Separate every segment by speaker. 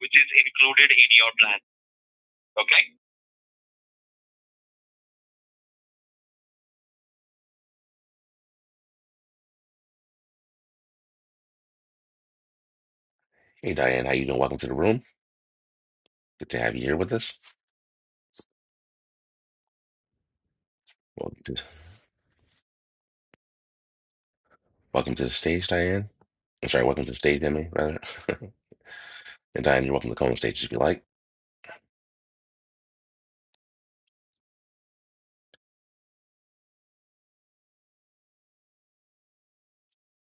Speaker 1: which is included in your plan. Okay?
Speaker 2: Hey Diane, how you doing? Welcome to the room. Good to have you here with us. Welcome to, welcome to the stage, Diane. I'm sorry, welcome to the stage, Emmy, rather. and Diane, you're welcome to come on stage if you like.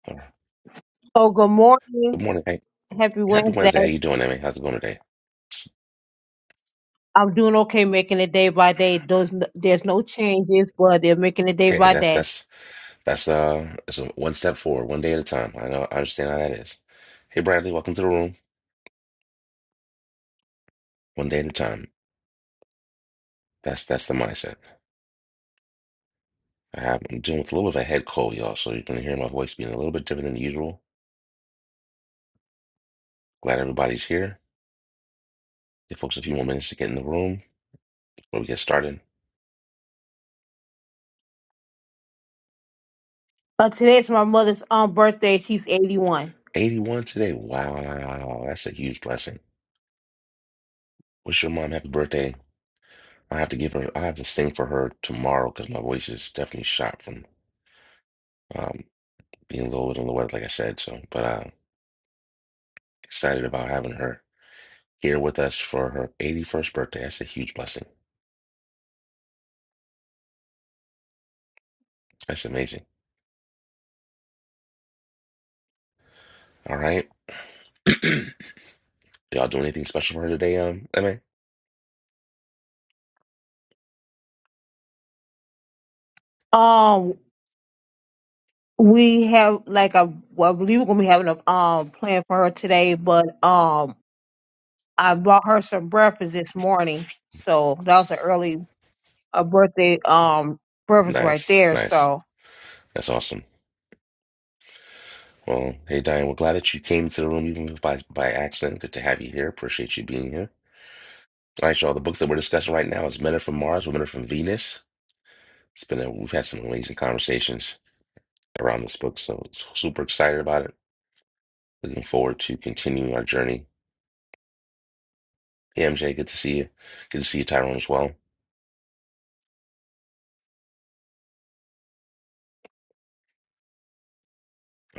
Speaker 2: All right.
Speaker 1: Oh, good morning.
Speaker 2: Good morning. Hey,
Speaker 1: Happy
Speaker 2: happy
Speaker 1: Wednesday.
Speaker 2: Wednesday. How you doing, Emmy? How's it going today?
Speaker 1: I'm doing okay, making it day by day. Those there's no changes, but they're making it day
Speaker 2: Hey,
Speaker 1: by
Speaker 2: that's
Speaker 1: day.
Speaker 2: that's that's uh it's a one step forward, one day at a time. I know I understand how that is. Hey Bradley, welcome to the room. One day at a time. That's that's the mindset. I have, I'm dealing with a little bit of a head cold, y'all, so you're gonna hear my voice being a little bit different than usual. Glad everybody's here. Give folks a few more minutes to get in the room before we get started.
Speaker 1: Uh, today's my mother's um birthday. She's 81.
Speaker 2: 81 today. Wow, that's a huge blessing. Wish your mom happy birthday. I have to give her, I have to sing for her tomorrow because my voice is definitely shot from um, being a little bit on the weather, like I said. So, but uh, excited about having her here with us for her 81st birthday. That's a huge blessing. That's amazing. All right. Y'all doing anything special for her today, um, Emma,
Speaker 1: Um, we have like a well, I believe we're gonna be having a um plan for her today, but um, I bought her some breakfast this morning, so that was an early a birthday um breakfast right
Speaker 2: Nice,
Speaker 1: there.
Speaker 2: nice.
Speaker 1: So
Speaker 2: That's awesome. Well, hey, Diane, we're glad that you came to the room even if by, by accident. Good to have you here. Appreciate you being here. All right, y'all. The book that we're discussing right now is Men Are From Mars, Women Are From Venus. It's been a, we've had some amazing conversations around this book, so super excited about it. Looking forward to continuing our journey. Hey, MJ, good to see you. Good to see you, Tyrone, as well. All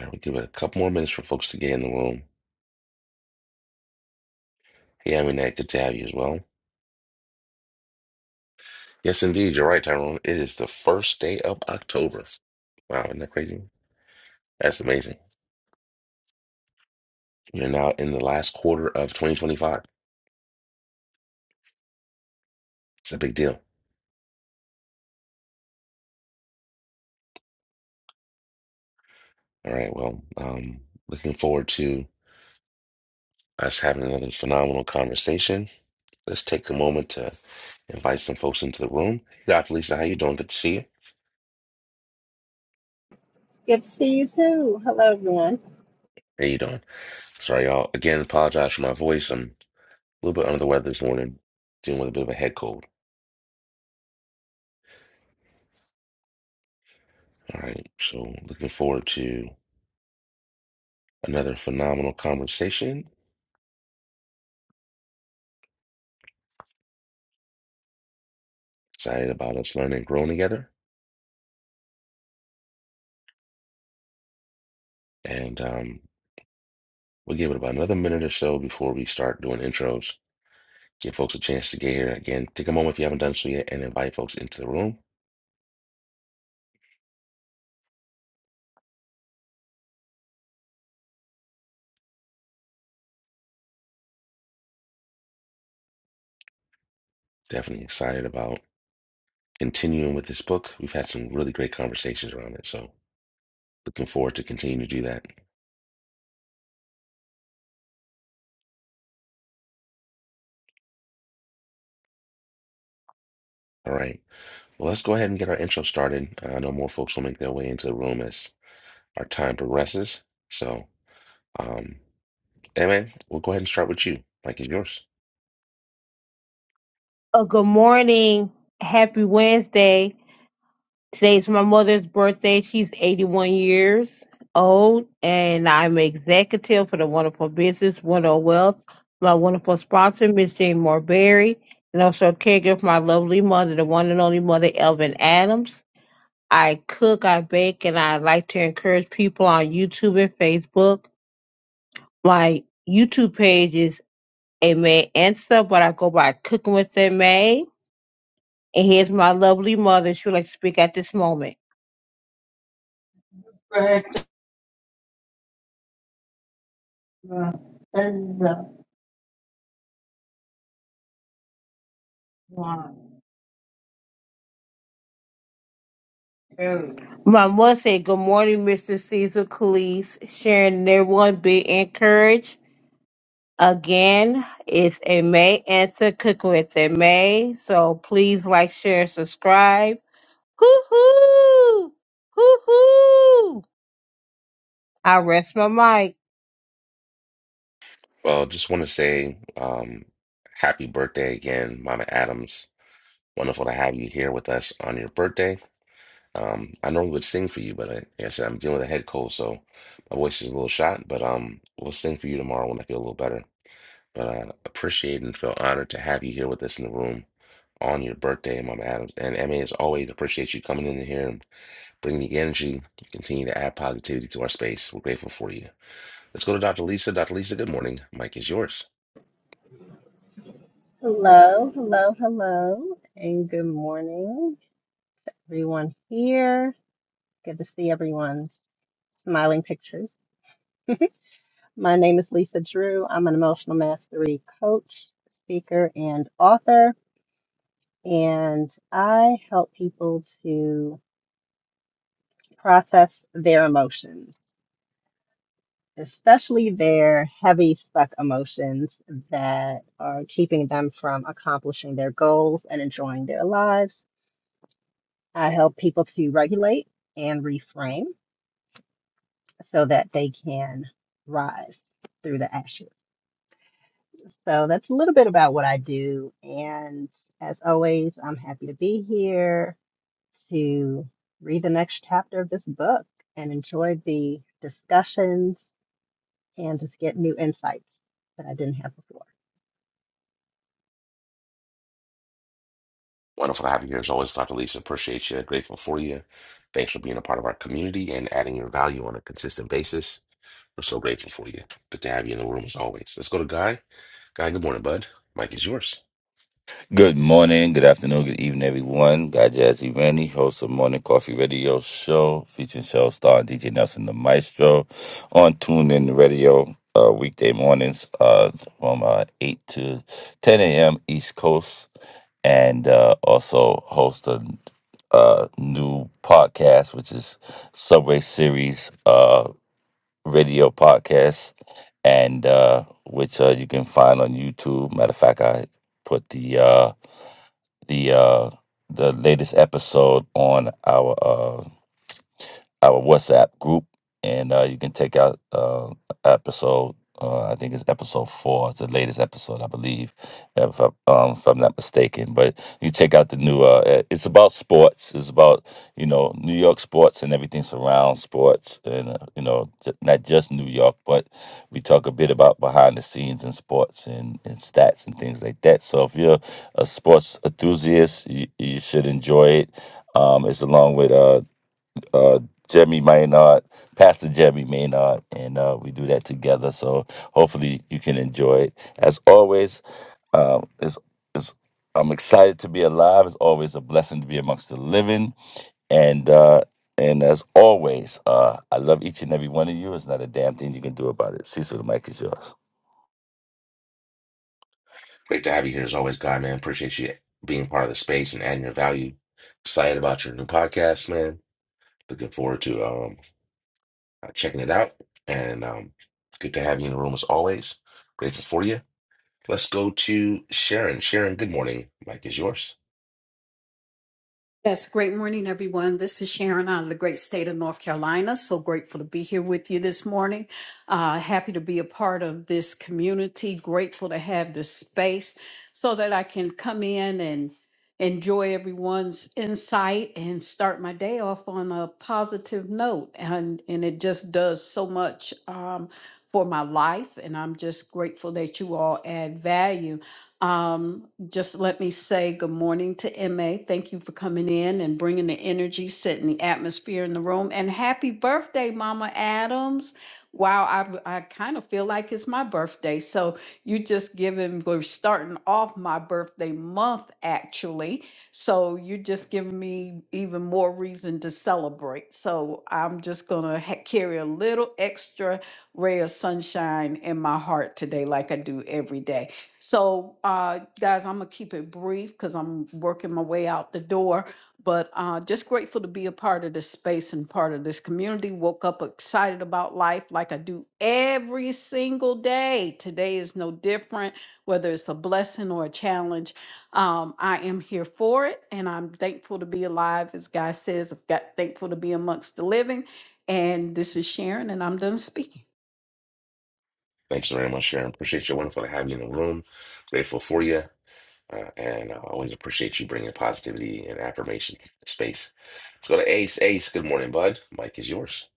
Speaker 2: right, we'll give it a couple more minutes for folks to get in the room. Hey, Aminette, good to have you as well. Yes, indeed, you're right, Tyrone. It is the first day of October. Wow, isn't that crazy? That's amazing. we are now in the last quarter of 2025. It's a big deal. All right, well, um, looking forward to us having another phenomenal conversation. Let's take a moment to invite some folks into the room. Dr. Lisa, how you doing? Good to see you.
Speaker 3: Good to see you too. Hello, everyone.
Speaker 2: How you doing? Sorry, y'all. Again, apologize for my voice. I'm a little bit under the weather this morning, dealing with a bit of a head cold. All right. So looking forward to another phenomenal conversation. Excited about us learning and growing together. And um, we'll give it about another minute or so before we start doing intros. Give folks a chance to get here. Again, take a moment if you haven't done so yet and invite folks into the room. Definitely excited about continuing with this book. We've had some really great conversations around it. So looking forward to continuing to do that. All right. Well, let's go ahead and get our intro started. Uh, I know more folks will make their way into the room as our time progresses. So, um, Amen. We'll go ahead and start with you. Mike is yours.
Speaker 1: a good morning. Happy Wednesday. Today's my mother's birthday. She's 81 years old, and I'm executive for the Wonderful Business, Wonderful Wealth. My wonderful sponsor, Miss Jane Morberry, and also a caregiver for my lovely mother, the one and only mother, Elvin Adams. I cook, I bake, and I like to encourage people on YouTube and Facebook. My YouTube page is Amen Answer, but I go by Cooking with Amen And here's my lovely mother. She would like to speak at this moment. My mother said, Good morning, Mr. Caesar Calise, sharing their one big encouraged. Again, it's a May answer cooking with a May. So please like, share, and subscribe. Hoo hoo! Hoo hoo! I rest my mic.
Speaker 2: Well, just want to say um, happy birthday again, Mama Adams. Wonderful to have you here with us on your birthday. Um, I normally would sing for you, but I, like I said, I'm dealing with a head cold, so my voice is a little shot. But um, we'll sing for you tomorrow when I feel a little better. But I appreciate and feel honored to have you here with us in the room on your birthday, Mama Adams. And I mean, as always, appreciate you coming in here and bringing the energy, continue to add positivity to our space. We're grateful for you. Let's go to Dr. Lisa. Dr. Lisa, good morning. Mike is yours.
Speaker 3: Hello, hello, hello, and good morning, everyone here. Good to see everyone's smiling pictures. My name is Lisa Drew. I'm an emotional mastery coach, speaker, and author, and I help people to process their emotions, especially their heavy, stuck emotions that are keeping them from accomplishing their goals and enjoying their lives. I help people to regulate and reframe so that they can rise through the ashes. So that's a little bit about what I do. And as always, I'm happy to be here to read the next chapter of this book and enjoy the discussions and just get new insights that I didn't have before.
Speaker 2: Wonderful to have you here as always, Dr. Lisa. Appreciate you. Grateful for you. Thanks for being a part of our community and adding your value on a consistent basis. We're so grateful for you. Good to have you in the room as always. Let's go to Guy. Guy, good morning, bud. Mike is yours.
Speaker 4: Good morning, good afternoon, good evening, everyone. Guy Jazzy Randy, host of Morning Coffee Radio Show, featuring show star DJ Nelson the Maestro on TuneIn Radio uh, weekday mornings uh, from uh, 8 to 10 a.m. East Coast, and uh, also host a uh, new podcast, which is Subway Series uh, Radio Podcast, and uh, which uh, you can find on YouTube. Matter of fact, I put the uh, the uh, the latest episode on our uh, our WhatsApp group, and uh, you can take out uh, episode. Uh, I think it's episode four. It's the latest episode, I believe, if, I, um, if I'm not mistaken. But you check out the new. Uh, eh, it's about sports. It's about you know New York sports and everything surrounds sports, and uh, you know j- not just New York, but we talk a bit about behind the scenes in sports and, and stats and things like that. So if you're a sports enthusiast, you, you should enjoy it. Um, it's along with uh, uh Jemmy Maynard, Pastor Jemmy Maynard, and uh, we do that together. So hopefully you can enjoy it. As always, um, it's, it's, I'm excited to be alive. It's always a blessing to be amongst the living, and uh, and as always, uh, I love each and every one of you. It's not a damn thing you can do about it. Cecil, the mic is yours.
Speaker 2: Great to have you here as always, guy, man. Appreciate you being part of the space and adding your value. Excited about your new podcast, man. Looking forward to um uh, checking it out. And um good to have you in the room as always. Grateful for you. Let's go to Sharon. Sharon, good morning. Mike is yours.
Speaker 5: Yes, great morning, everyone. This is Sharon out of the great state of North Carolina. So grateful to be here with you this morning. Uh, happy to be a part of this community. Grateful to have this space so that I can come in and enjoy everyone's insight and start my day off on a positive note. And, and it just does so much um, for my life. And I'm just grateful that you all add value. Um, just let me say good morning to MA. Thank you for coming in and bringing the energy, setting the atmosphere in the room. And happy birthday, Mama Adams. Wow, I, I kind of feel like it's my birthday. So you just giving, we're starting off my birthday month actually. So you're just giving me even more reason to celebrate. So I'm just going to ha- carry a little extra ray of sunshine in my heart today, like I do every day. So, uh, guys, I'm gonna keep it brief because I'm working my way out the door. But uh, just grateful to be a part of this space and part of this community. Woke up excited about life like I do every single day. Today is no different, whether it's a blessing or a challenge. Um, I am here for it, and I'm thankful to be alive. As Guy says, I've got thankful to be amongst the living. And this is Sharon, and I'm done speaking.
Speaker 2: Thanks very much, Sharon. Appreciate you. Wonderful to have you in the room. Grateful for you. Uh, and uh, always appreciate you bringing positivity and affirmation to the space. Let's go to Ace. Ace, good morning, bud. Mike is yours.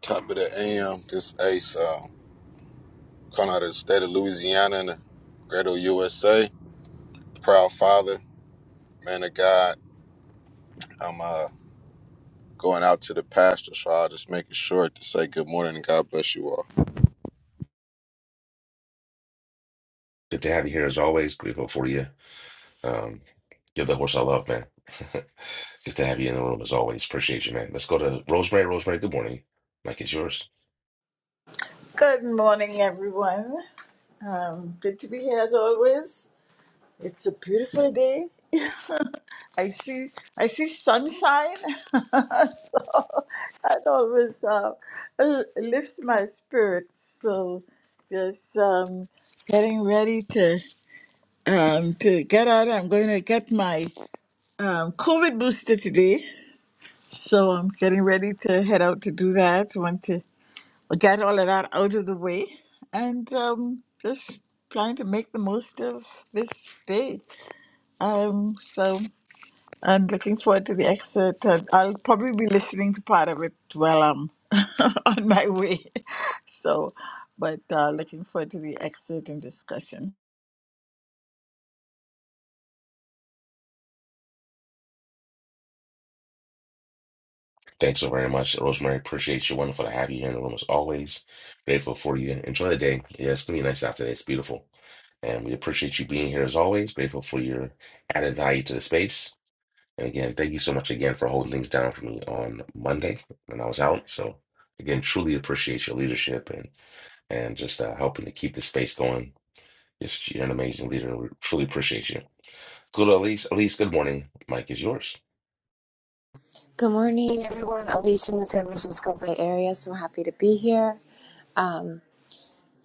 Speaker 6: Top of the AM, this Ace, um, calling out of the state of Louisiana in the great old USA. Proud father, man of God. I'm uh, going out to the pastor, so I'll just make it short to say good morning and God bless you all.
Speaker 2: Good to have you here as always. Grateful for you Um, give that horse I love, man. Good to have you in the room as always. Appreciate you, man. Let's go to Rosemary. Rosemary, good morning. Mike is yours.
Speaker 7: Good morning, everyone. Um, good to be here as always. It's a beautiful day. I see, I see sunshine. so that always um, uh, l- lifts my spirits. So just um, getting ready to um, to get out. I'm going to get my um, COVID booster today. So I'm getting ready to head out to do that. Want to get all of that out of the way and um, just trying to make the most of this day. Um, so I'm looking forward to the excerpt. And I'll probably be listening to part of it while I'm on my way. So, but uh, looking forward to the excerpt and discussion.
Speaker 2: Thanks so very much, Rosemary. Appreciate you. Wonderful to have you here in the room as always. Grateful for you. Enjoy the day. Yeah, it's gonna be nice out today. It's beautiful, and we appreciate you being here as always. Grateful for your added value to the space. And again, thank you so much again for holding things down for me on Monday when I was out. So again, truly appreciate your leadership and and just uh, helping to keep the space going Yes, you're an amazing leader, and we truly appreciate you. Good, Elise. Elise, good morning. Mike is yours.
Speaker 8: Good morning, everyone. Alicia in the San Francisco Bay Area, so happy to be here. Um,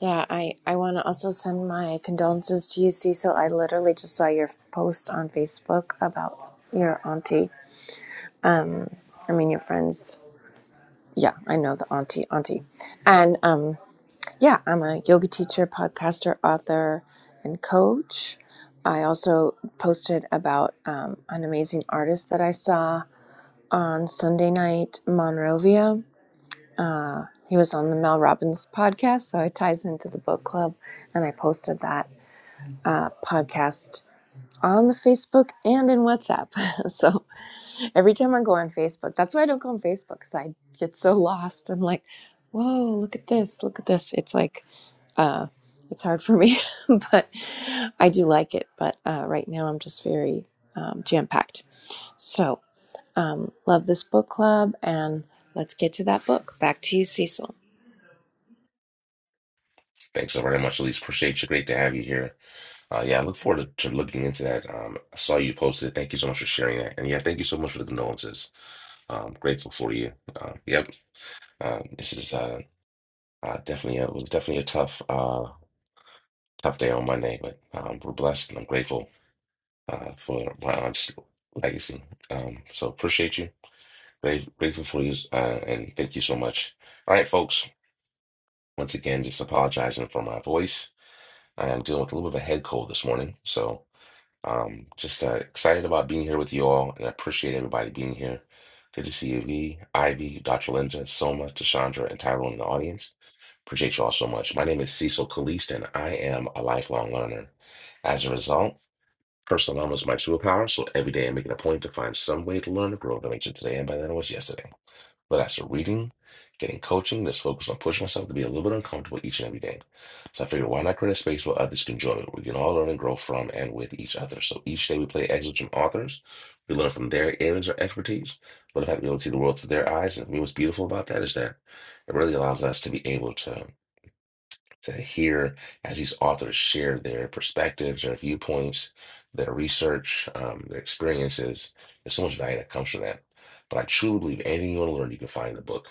Speaker 8: yeah, I, I want to also send my condolences to you, Cecil. I literally just saw your post on Facebook about your auntie. Um, I mean, your friends. Yeah, I know the auntie, auntie. And um, yeah, I'm a yoga teacher, podcaster, author, and coach. I also posted about um, an amazing artist that I saw on Sunday night, Monrovia Uh, he was on the Mel Robbins podcast, so it ties into the book club, and I posted that uh, podcast on the Facebook and in WhatsApp. so every time I go on Facebook, that's why I don't go on Facebook because I get so lost. I'm like, whoa, look at this, look at this. It's like, uh, it's hard for me, but I do like it. But uh, right now, I'm just very um, jam packed. So, um, love this book club, and let's get to that book. Back to you, Cecil.
Speaker 2: Thanks so very much, Elise. Appreciate you. Great to have you here. Uh, yeah, I look forward to, to looking into that. Um, I saw you posted it. Thank you so much for sharing that. And yeah, thank you so much for the condolences. Um, grateful for you. Uh, yep. Uh, this is uh, uh, definitely a, it was definitely a tough uh, tough day on Monday, but um, we're blessed and I'm grateful uh, for my aunt's legacy. Um, so appreciate you. Grate- Grateful for you, uh, and thank you so much. All right, folks. Once again, just apologizing for my voice. I am dealing with a little bit of a head cold this morning, so um, just uh, excited about being here with you all, and I appreciate everybody being here. Good to see you, V, Ivy, Dr. Linda, Soma, Tashandra, and Tyrone in the audience. Appreciate you all so much. My name is Cecil Kalist, and I am a lifelong learner. As a result, personal development is my superpower, so every day I make it a point to find some way to learn and grow to make sure today and better than I was yesterday. Whether that's reading, getting coaching, just focus on pushing myself to be a little bit uncomfortable each and every day. So I figured, why not create a space where others can join me? We can all learn and grow from and with each other. So each day we play excerpts from authors. We learn from their areas or expertise. But in fact, we able to see the world through their eyes. And for me, what's beautiful about that is that it really allows us to be able to to hear as these authors share their perspectives, their viewpoints, their research, um, their experiences. There's so much value that comes from that. But I truly believe anything you want to learn, you can find in the book.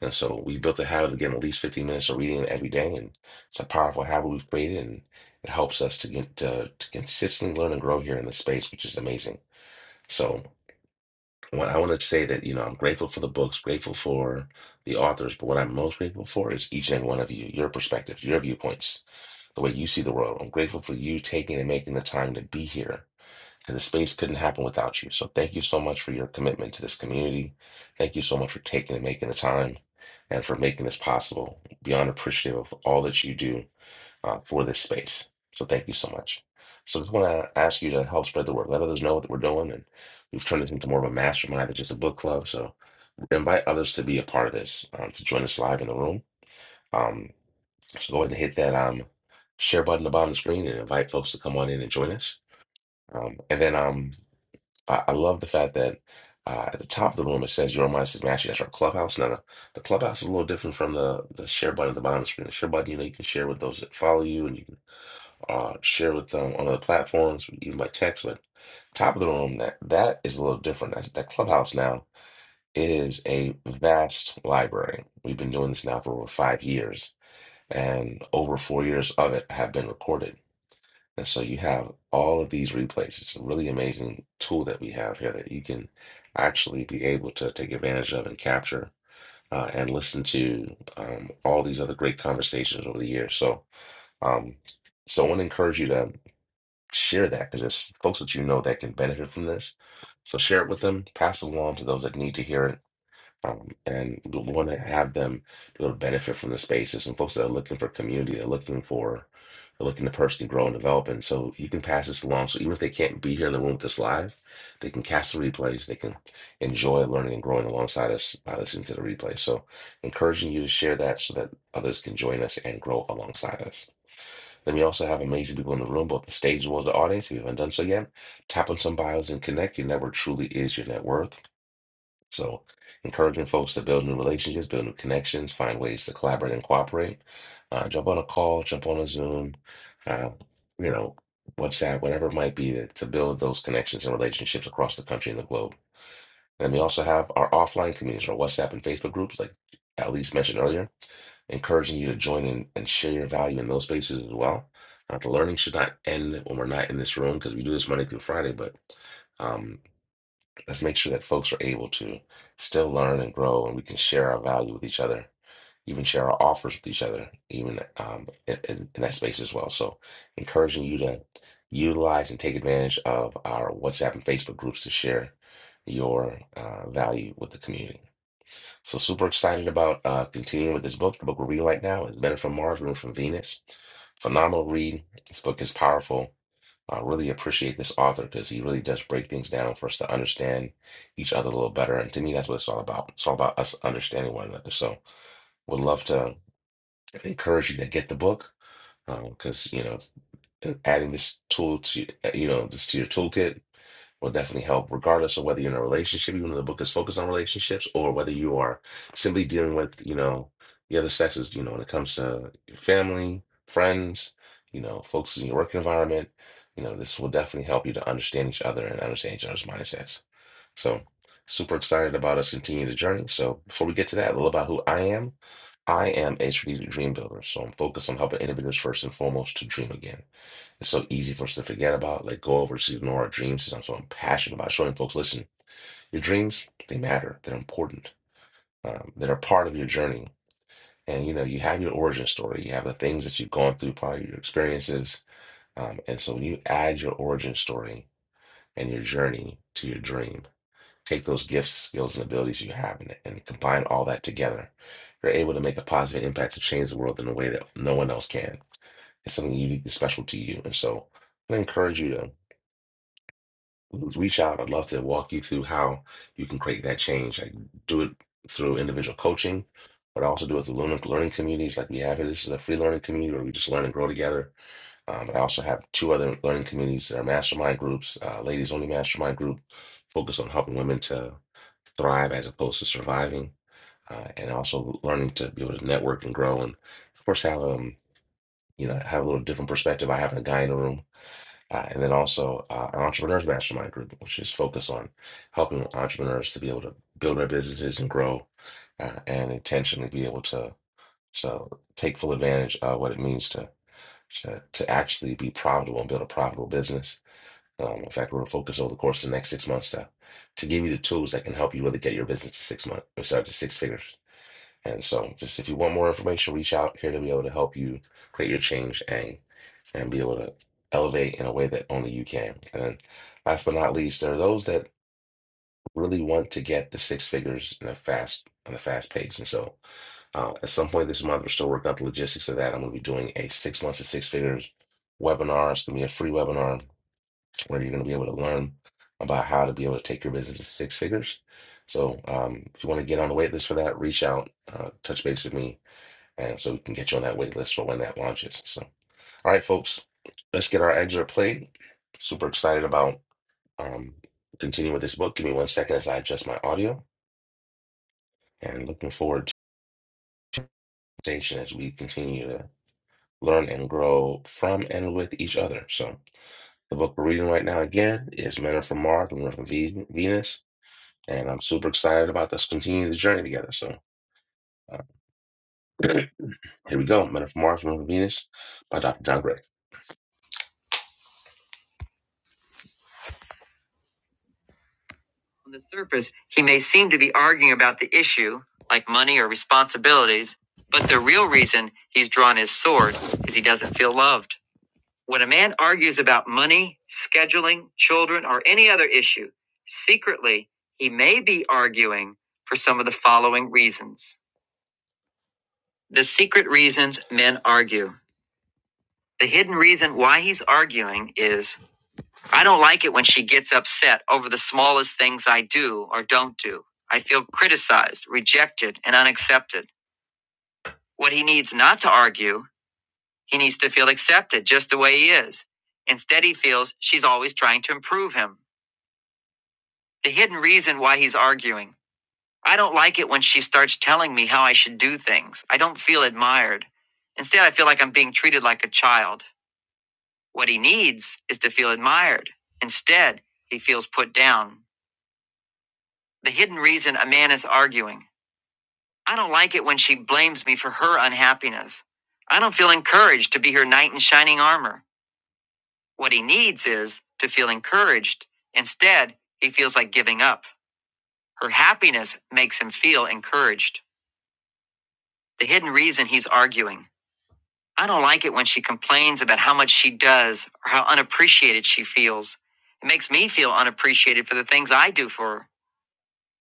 Speaker 2: And so we built a habit of getting at least 15 minutes of reading every day. And it's a powerful habit we've created. And it helps us to get to, to consistently learn and grow here in this space, which is amazing. So what I want to say that, you know, I'm grateful for the books, grateful for the authors, but what I'm most grateful for is each and every one of you, your perspectives, your viewpoints the way you see the world. I'm grateful for you taking and making the time to be here because the space couldn't happen without you. So thank you so much for your commitment to this community. Thank you so much for taking and making the time and for making this possible. Beyond appreciative of all that you do uh, for this space. So thank you so much. So just want to ask you to help spread the word. Let others know what we're doing, and we've turned this into more of a mastermind than just a book club. So invite others to be a part of this, um, to join us live in the room. Um, so go ahead and hit that um, share button at the bottom of the screen and invite folks to come on in and join us. Um, and then um, I, I love the fact that uh, at the top of the room it says your mindset mastery. That's our clubhouse. Now the, the clubhouse is a little different from the the share button at the bottom of the screen. The share button, you know, you can share with those that follow you, and you can uh, share with them on other platforms, even by text. But top of the room, that that is a little different. That, that clubhouse now it is a vast library. We've been doing this now for over five years and over four years of it have been recorded. And so you have all of these replays. It's a really amazing tool that we have here that you can actually be able to take advantage of and capture uh, and listen to um, all these other great conversations over the years. So, um, so I want to encourage you to share that because there's folks that you know that can benefit from this. So share it with them, pass it along to those that need to hear it um, and we want to have them be able to benefit from the spaces and folks that are looking for community, they're looking for, they're looking to personally grow and develop. And so you can pass this along. So even if they can't be here in the room with us live, they can cast the replays. They can enjoy learning and growing alongside us by listening to the replay. So encouraging you to share that so that others can join us and grow alongside us. Then we also have amazing people in the room, both the stage as well as the audience. If you haven't done so yet, tap on some bios and connect. Your network truly is your net worth. So, encouraging folks to build new relationships, build new connections, find ways to collaborate and cooperate. Uh, jump on a call, jump on a Zoom, uh, you know, WhatsApp, whatever it might be to, to build those connections and relationships across the country and the globe. And we also have our offline communities, our WhatsApp and Facebook groups, like Alice mentioned earlier, encouraging you to join in and share your value in those spaces as well. Uh, the learning should not end when we're not in this room because we do this Monday through Friday, but. um, Let's make sure that folks are able to still learn and grow, and we can share our value with each other, even share our offers with each other, even um, in, in in that space as well. So, encouraging you to utilize and take advantage of our WhatsApp and Facebook groups to share your uh, value with the community. So, super excited about uh, continuing with this book. The book we're reading right now is Men Are from Mars, Women Are from Venus. Phenomenal read. This book is powerful I really appreciate this author because he really does break things down for us to understand each other a little better. And to me, that's what it's all about. It's all about us understanding one another. So would love to encourage you to get the book because, you know, adding this tool to, uh, you know, this to your toolkit will definitely help, regardless of whether you're in a relationship, even though the book is focused on relationships, or whether you are simply dealing with, you know, the other sexes, you know, when it comes to your family, friends, you know, folks in your work environment, you know, this will definitely help you to understand each other and understand each other's mindsets. So super excited about us continuing the journey. So before we get to that, a little about who I am. I am a strategic dream builder. So I'm focused on helping individuals first and foremost to dream again. It's so easy for us to forget about, let go of, or just ignore our dreams. And so I'm so passionate about showing folks, listen, your dreams, they matter. They're important. Um, they're a part of your journey. And, you know, you have your origin story. You have the things that you've gone through, probably your experiences. Um, and so when you add your origin story and your journey to your dream, take those gifts, skills, and abilities you have and, and combine all that together, you're able to make a positive impact to change the world in a way that no one else can. It's something unique and special to you. And so I encourage you to reach out. I'd love to walk you through how you can create that change. I do it through individual coaching, but I also do it through learning, learning communities like we have here. This is a free learning community where we just learn and grow together. Um, but I also have two other learning communities that are mastermind groups, uh, ladies only mastermind group, focused on helping women to thrive as opposed to surviving, uh, and also learning to be able to network and grow. And of course, have um, you know, have a little different perspective. I have a guy in the room uh, and then also uh, an entrepreneurs mastermind group, which is focused on helping entrepreneurs to be able to build their businesses and grow uh, and intentionally be able to so take full advantage of what it means to to, to actually be profitable and build a profitable business. Um, in fact, we're going to focus over the course of the next six months to, to give you the tools that can help you really get your business to six months, instead to six figures. And so, just if you want more information, reach out here to be able to help you create your change and and be able to elevate in a way that only you can. And then last but not least, there are those that really want to get the six figures in a fast on a fast pace. And so uh, at some point this month, we're still working out the logistics of that. I'm going to be doing a six months to six figures webinar. It's going to be a free webinar where you're going to be able to learn about how to be able to take your business to six figures. So um, if you want to get on the wait list for that, reach out, uh, touch base with me, and so we can get you on that wait list for when that launches. So all right, folks, let's get our excerpt played. Super excited about um, continuing with this book. Give me one second as I adjust my audio and looking forward to the conversation as we continue to learn and grow from and with each other. So, the book we're reading right now again is Men Are From Mars, Women Are From Ve- Venus. And I'm super excited about us continuing this journey together. So, uh, here we go Men Are From Mars, Women Are From Venus by Dr. John Gray. On the surface, he may seem to be arguing about the issue, like money or responsibilities, but the real reason he's drawn his sword is he doesn't feel loved. When a man argues about money, scheduling, children, or any other issue, secretly, he may be arguing for some of the following reasons. The secret reasons men argue. The hidden reason why he's arguing is I don't like it when she gets upset over the smallest things I do or don't do. I feel criticized, rejected, and unaccepted. What he needs not to argue, he needs to feel accepted just the way he is. Instead, he feels she's always trying to improve him. The hidden reason why he's arguing. I don't like it when she starts telling me how I should do things. I don't feel admired. Instead, I feel like I'm being treated like a child. What he needs is to feel admired. Instead, he feels put down. The hidden reason a man is arguing. I don't like it when she blames me for her unhappiness. I don't feel encouraged to be her knight in shining armor. What he needs is to feel encouraged. Instead, he feels like giving up. Her happiness makes him feel encouraged. The hidden reason he's arguing. I don't like it when she complains about how much she does or how unappreciated she feels. It makes me feel unappreciated for the things I do for her.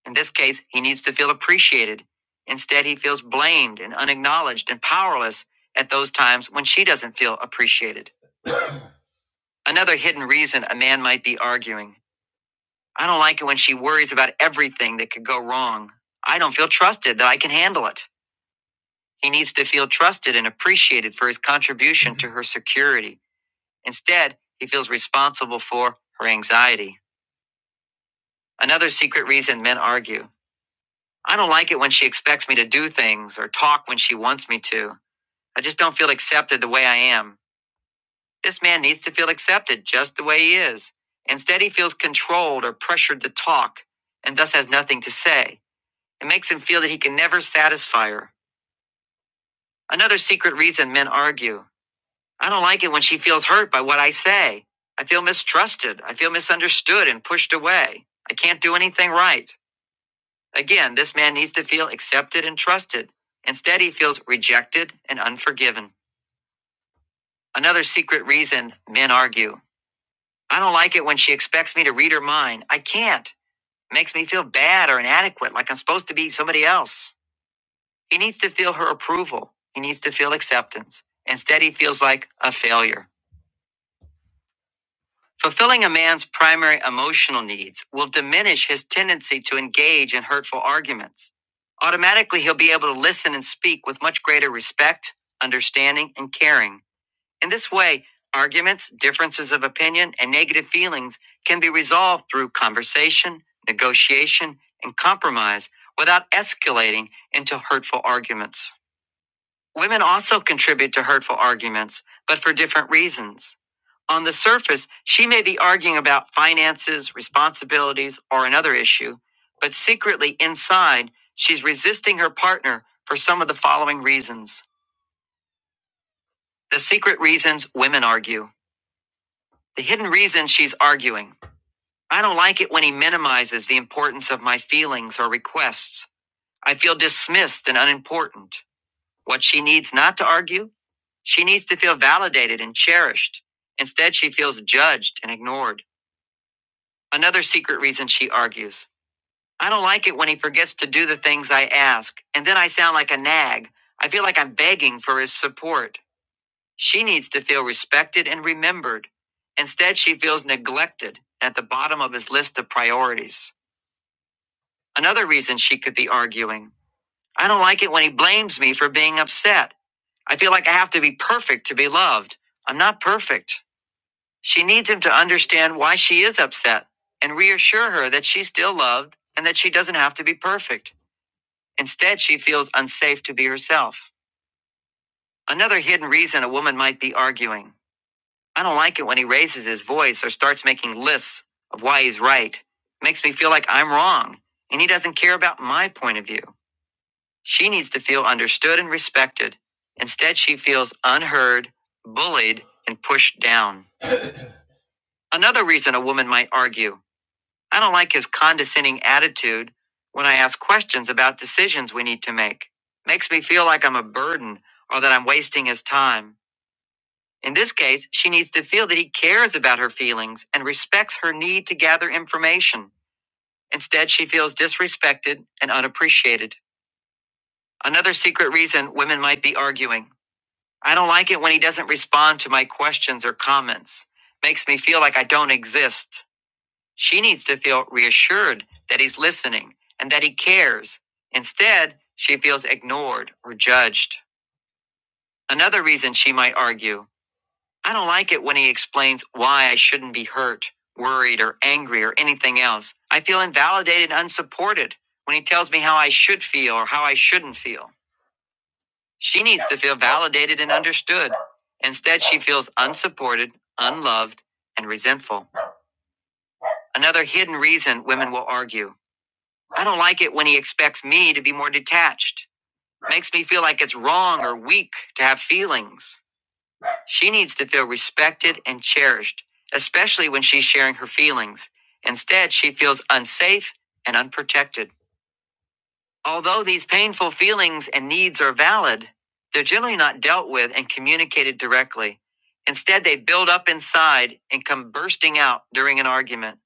Speaker 2: In this case, he needs to feel appreciated. Instead, he feels blamed and unacknowledged and powerless at those times when she doesn't feel appreciated. Another hidden reason a man might be arguing I don't like it when she worries about everything that could go wrong. I don't feel trusted that I can handle it. He needs to feel trusted and appreciated for his contribution to her security. Instead, he feels responsible for her anxiety. Another secret reason men argue. I don't like it when she expects me to do things or talk when she wants me to. I just don't feel accepted the way I am. This man needs to feel accepted just the way he is. Instead, he feels controlled or pressured to talk and thus has nothing to say. It makes him feel that he can never satisfy her. Another secret reason men argue. I don't like it when she feels hurt by what I say. I feel mistrusted. I feel misunderstood and pushed away. I can't do anything right. Again, this man needs to feel accepted and trusted. Instead, he feels rejected and unforgiven. Another secret reason men argue. I don't like it when she expects me to read her mind. I can't. It Makes me feel bad or inadequate, like I'm supposed to be somebody else. He needs to feel her approval. He needs to feel acceptance. Instead, he feels like a failure. Fulfilling a man's primary emotional needs will diminish his tendency to engage in hurtful arguments. Automatically, he'll be able to listen and speak with much greater respect, understanding, and caring. In this way, arguments, differences of opinion, and negative feelings can be resolved through conversation, negotiation, and compromise without escalating into hurtful arguments. Women also contribute to hurtful arguments, but for different reasons. On the surface, she may be arguing about finances, responsibilities, or another issue, but secretly inside, she's resisting her partner for some of the following reasons. The secret reasons women argue. The hidden reasons she's arguing. I don't like it when he minimizes the importance of my feelings or requests. I feel dismissed and unimportant. What she needs not to argue? She needs to feel validated and cherished. Instead, she feels judged and ignored. Another secret reason she argues. I don't like it when he forgets to do the things I ask, and then I sound like a nag. I feel like I'm begging for his support. She needs to feel respected and remembered. Instead, she feels neglected at the bottom of his list of priorities. Another reason she could be arguing. I don't like it when he blames me for being upset. I feel like I have to be perfect to be loved. I'm not perfect. She needs him to understand why she is upset and reassure her that she's still loved and that she doesn't have to be perfect. Instead, she feels unsafe to be herself. Another hidden reason a woman might be arguing. I don't like it when he raises his voice or starts making lists of why he's right. It Makes me feel like I'm wrong and he doesn't care about my point of view. She needs to feel understood and respected. Instead, she feels unheard, bullied, and pushed down. Another reason a woman might argue. I don't like his condescending attitude when I ask questions about decisions we need to make. Makes me feel like I'm a burden or that I'm wasting his time. In this case, she needs to feel that he cares about her feelings and respects her need to gather information. Instead, she feels disrespected and unappreciated. Another secret reason women might be arguing. I don't like it when he doesn't respond to my questions or comments. Makes me feel like I don't exist. She needs to feel reassured that he's listening and that he cares. Instead, she feels ignored or judged. Another reason she might argue I don't like it when he explains why I shouldn't be hurt, worried, or angry, or anything else. I feel invalidated and unsupported when he tells me how I should feel or how I shouldn't feel. She needs to feel validated and understood. Instead, she feels unsupported, unloved, and resentful. Another hidden reason women will argue. I don't like it when he expects me to be more detached. Makes me feel like it's wrong or weak to have feelings. She needs to feel respected and cherished, especially when she's sharing her feelings. Instead, she feels unsafe and unprotected. Although these painful feelings and needs are valid, they're generally not dealt with and communicated directly. Instead, they build up inside and come bursting out during an argument.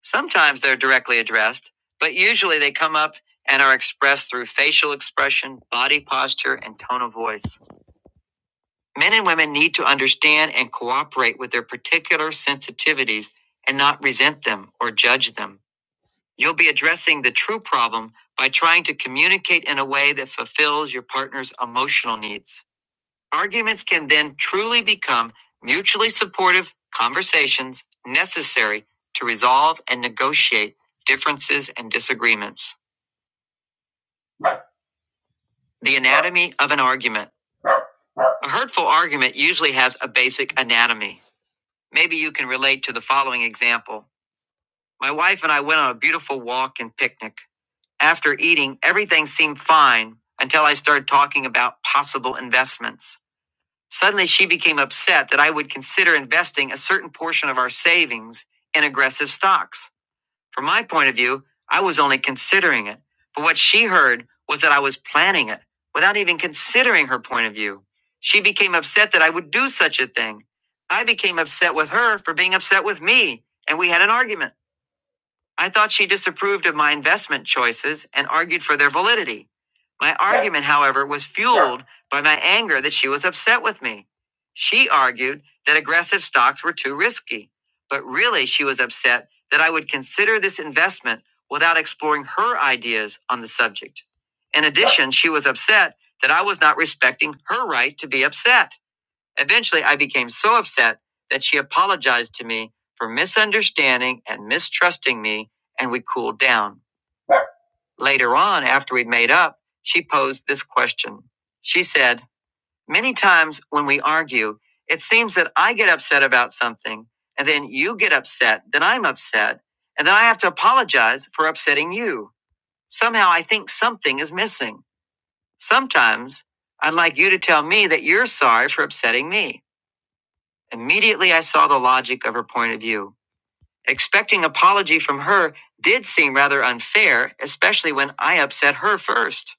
Speaker 2: Sometimes they're directly addressed, but usually they come up and are expressed through facial expression, body posture, and tone of voice. Men and women need to understand and cooperate with their particular sensitivities and not resent them or judge them. You'll be addressing the true problem by trying to communicate in a way that fulfills your partner's emotional needs. Arguments can then truly become mutually supportive conversations necessary to resolve and negotiate differences and disagreements. The anatomy of an argument. A hurtful argument usually has a basic anatomy. Maybe you can relate to the following example. My wife and I went on a beautiful walk and picnic. After eating, everything seemed fine until I started talking about possible investments. Suddenly, she became upset that I would consider investing a certain portion of our savings in aggressive stocks. From my point of view, I was only considering it. But what she heard was that I was planning it without even considering her point of view. She became upset that I would do such a thing. I became upset with her for being upset with me, and we had an argument. I thought she disapproved of my investment choices and argued for their validity. My argument, however, was fueled by my anger that she was upset with me. She argued that aggressive stocks were too risky, but really she was upset that I would consider this investment without exploring her ideas on the subject. In addition, she was upset that I was not respecting her right to be upset. Eventually, I became so upset that she apologized to me for misunderstanding and mistrusting me, and we cooled down. Later on, after we'd made up, she posed this question. She said, Many times when we argue, it seems that I get upset about something, and then you get upset, then I'm upset, and then I have to apologize for upsetting you. Somehow I think something is missing. Sometimes I'd like you to tell me that you're sorry for upsetting me. Immediately I saw the logic of her point of view. Expecting apology from her did seem rather unfair, especially when I upset her first.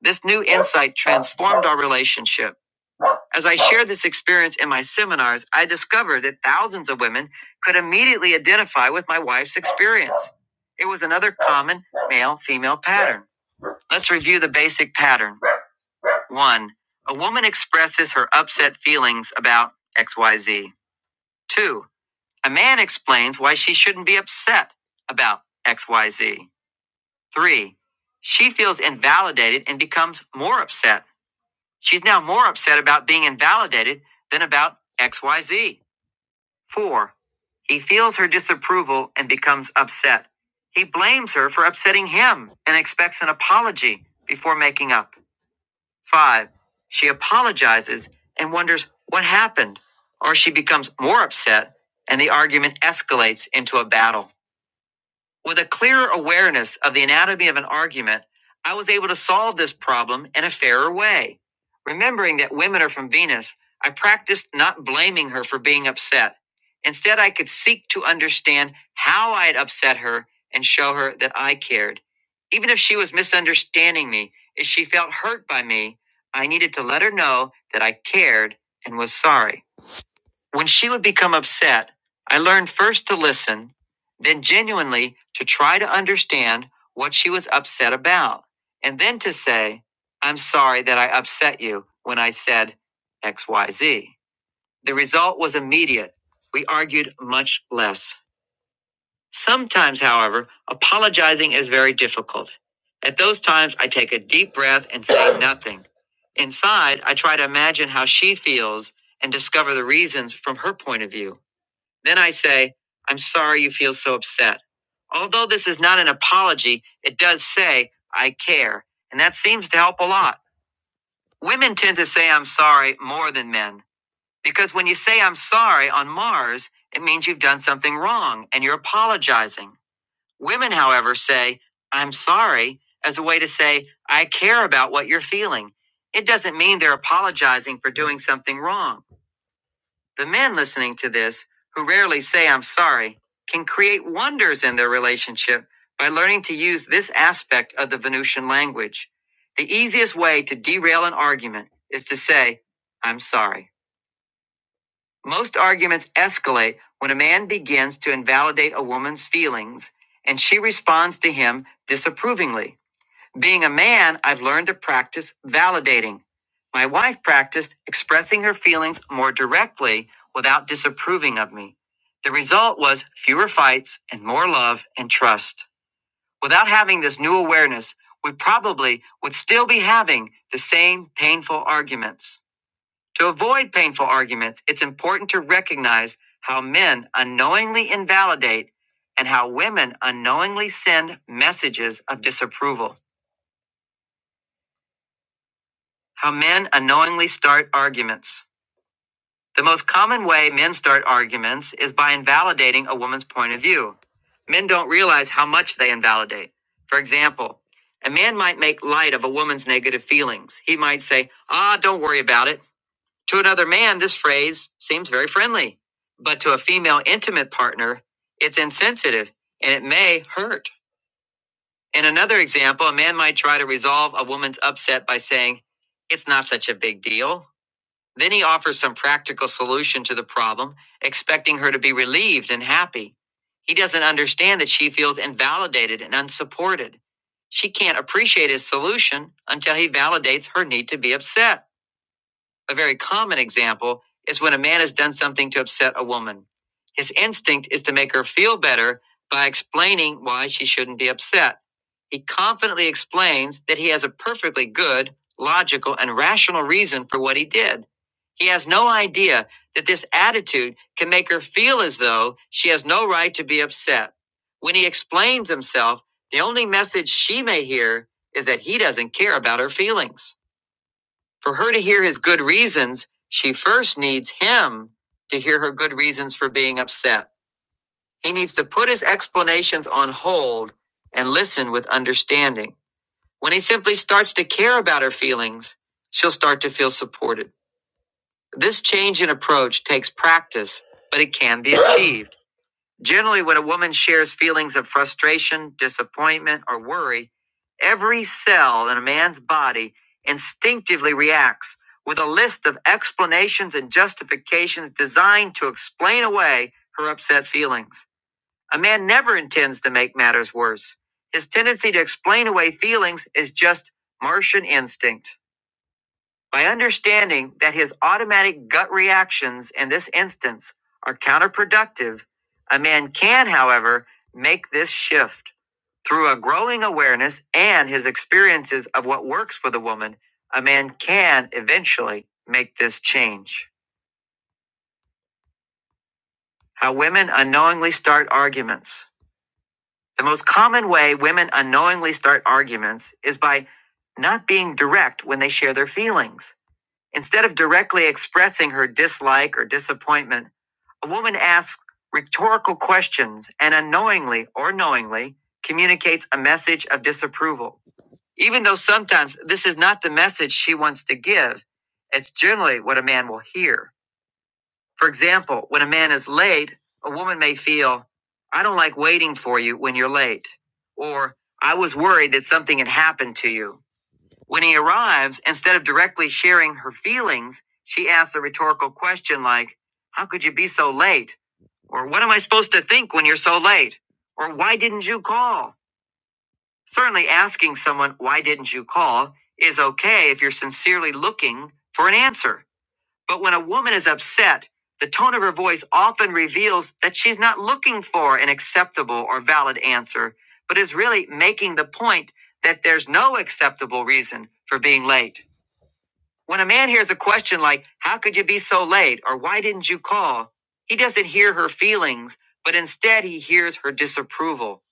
Speaker 2: This new insight transformed our relationship. As I shared this experience in my seminars, I discovered that thousands of women could immediately identify with my wife's experience. It was another common male female pattern. Let's review the basic pattern. One, a woman expresses her upset feelings about XYZ. 2. A man explains why she shouldn't be upset about XYZ. Three, she feels invalidated and becomes more upset. She's now more upset about being invalidated than about XYZ. Four, he feels her disapproval and becomes upset. He blames her for upsetting him and expects an apology before making up. Five, she apologizes and wonders what happened, or she becomes more upset and the argument escalates into a battle. With a clearer awareness of the anatomy of an argument, I was able to solve this problem in a fairer way. Remembering that women are from Venus, I practiced not blaming her for being upset. Instead, I could seek to understand how I had upset her and show her that I cared. Even if she was misunderstanding me, if she felt hurt by me, I needed to let her know that I cared and was sorry. When she would become upset, I learned first to listen, then genuinely to try to understand what she was upset about, and then to say, I'm sorry that I upset you when I said XYZ. The result was immediate. We argued much less. Sometimes, however, apologizing is very difficult. At those times, I take a deep breath and say nothing. Inside, I try to imagine how she feels and discover the reasons from her point of view. Then I say, I'm sorry you feel so upset. Although this is not an apology, it does say, I care. And that seems to help a lot. Women tend to say, I'm sorry more than men. Because when you say, I'm sorry on Mars, it means you've done something wrong and you're apologizing. Women, however, say, I'm sorry as a way to say, I care about what you're feeling. It doesn't mean they're apologizing for doing something wrong. The men listening to this, who rarely say I'm sorry, can create wonders in their relationship by learning to use this aspect of the Venusian language. The easiest way to derail an argument is to say, I'm sorry. Most arguments escalate when a man begins to invalidate a woman's feelings and she responds to him disapprovingly. Being a man, I've learned to practice validating. My wife practiced expressing her feelings more directly without disapproving of me. The result was fewer fights and more love and trust. Without having this new awareness, we probably would still be having the same painful arguments. To avoid painful arguments, it's important to recognize how men unknowingly invalidate and how women unknowingly send messages of disapproval. How men unknowingly start arguments. The most common way men start arguments is by invalidating a woman's point of view. Men don't realize how much they invalidate. For example, a man might make light of a woman's negative feelings. He might say, Ah, don't worry about it. To another man, this phrase seems very friendly. But to a female intimate partner, it's insensitive and it may hurt. In another example, a man might try to resolve a woman's upset by saying, It's not such a big deal. Then he offers some practical solution to the problem, expecting her to be relieved and happy. He doesn't understand that she feels invalidated and unsupported. She can't appreciate his solution until he validates her need to be upset. A very common example is when a man has done something to upset a woman. His instinct is to make her feel better by explaining why she shouldn't be upset. He confidently explains that he has a perfectly good, logical, and rational reason for what he did. He has no idea that this attitude can make her feel as though she has no right to be upset. When he explains himself, the only message she may hear is that he doesn't care about her feelings. For her to hear his good reasons, she first needs him to hear her good reasons for being upset. He needs to put his explanations on hold and listen with understanding. When he simply starts to care about her feelings, she'll start to feel supported. This change in approach takes practice, but it can be achieved. Generally, when a woman shares feelings of frustration, disappointment, or worry, every cell in a man's body instinctively reacts with a list of explanations and justifications designed to explain away her upset feelings. A man never intends to make matters worse. His tendency to explain away feelings is just Martian instinct. By understanding that his automatic gut reactions in this instance are counterproductive, a man can, however, make this shift. Through a growing awareness and his experiences of what works with a woman, a man can eventually make this change. How women unknowingly start arguments. The most common way women unknowingly start arguments is by not being direct when they share their feelings. Instead of directly expressing her dislike or disappointment, a woman asks rhetorical questions and unknowingly or knowingly communicates a message of disapproval. Even though sometimes this is not the message she wants to give, it's generally what a man will hear. For example, when a man is late, a woman may feel, I don't like waiting for you when you're late, or I was worried that something had happened to you. When he arrives, instead of directly sharing her feelings, she asks a rhetorical question like, How could you be so late? Or what am I supposed to think when you're so late? Or why didn't you call? Certainly, asking someone, Why didn't you call? is okay if you're sincerely looking for an answer. But when a woman is upset, the tone of her voice often reveals that she's not looking for an acceptable or valid answer, but is really making the point that there's no acceptable reason for being late. When a man hears a question like, How could you be so late? or Why didn't you call? He doesn't hear her feelings, but instead he hears her disapproval.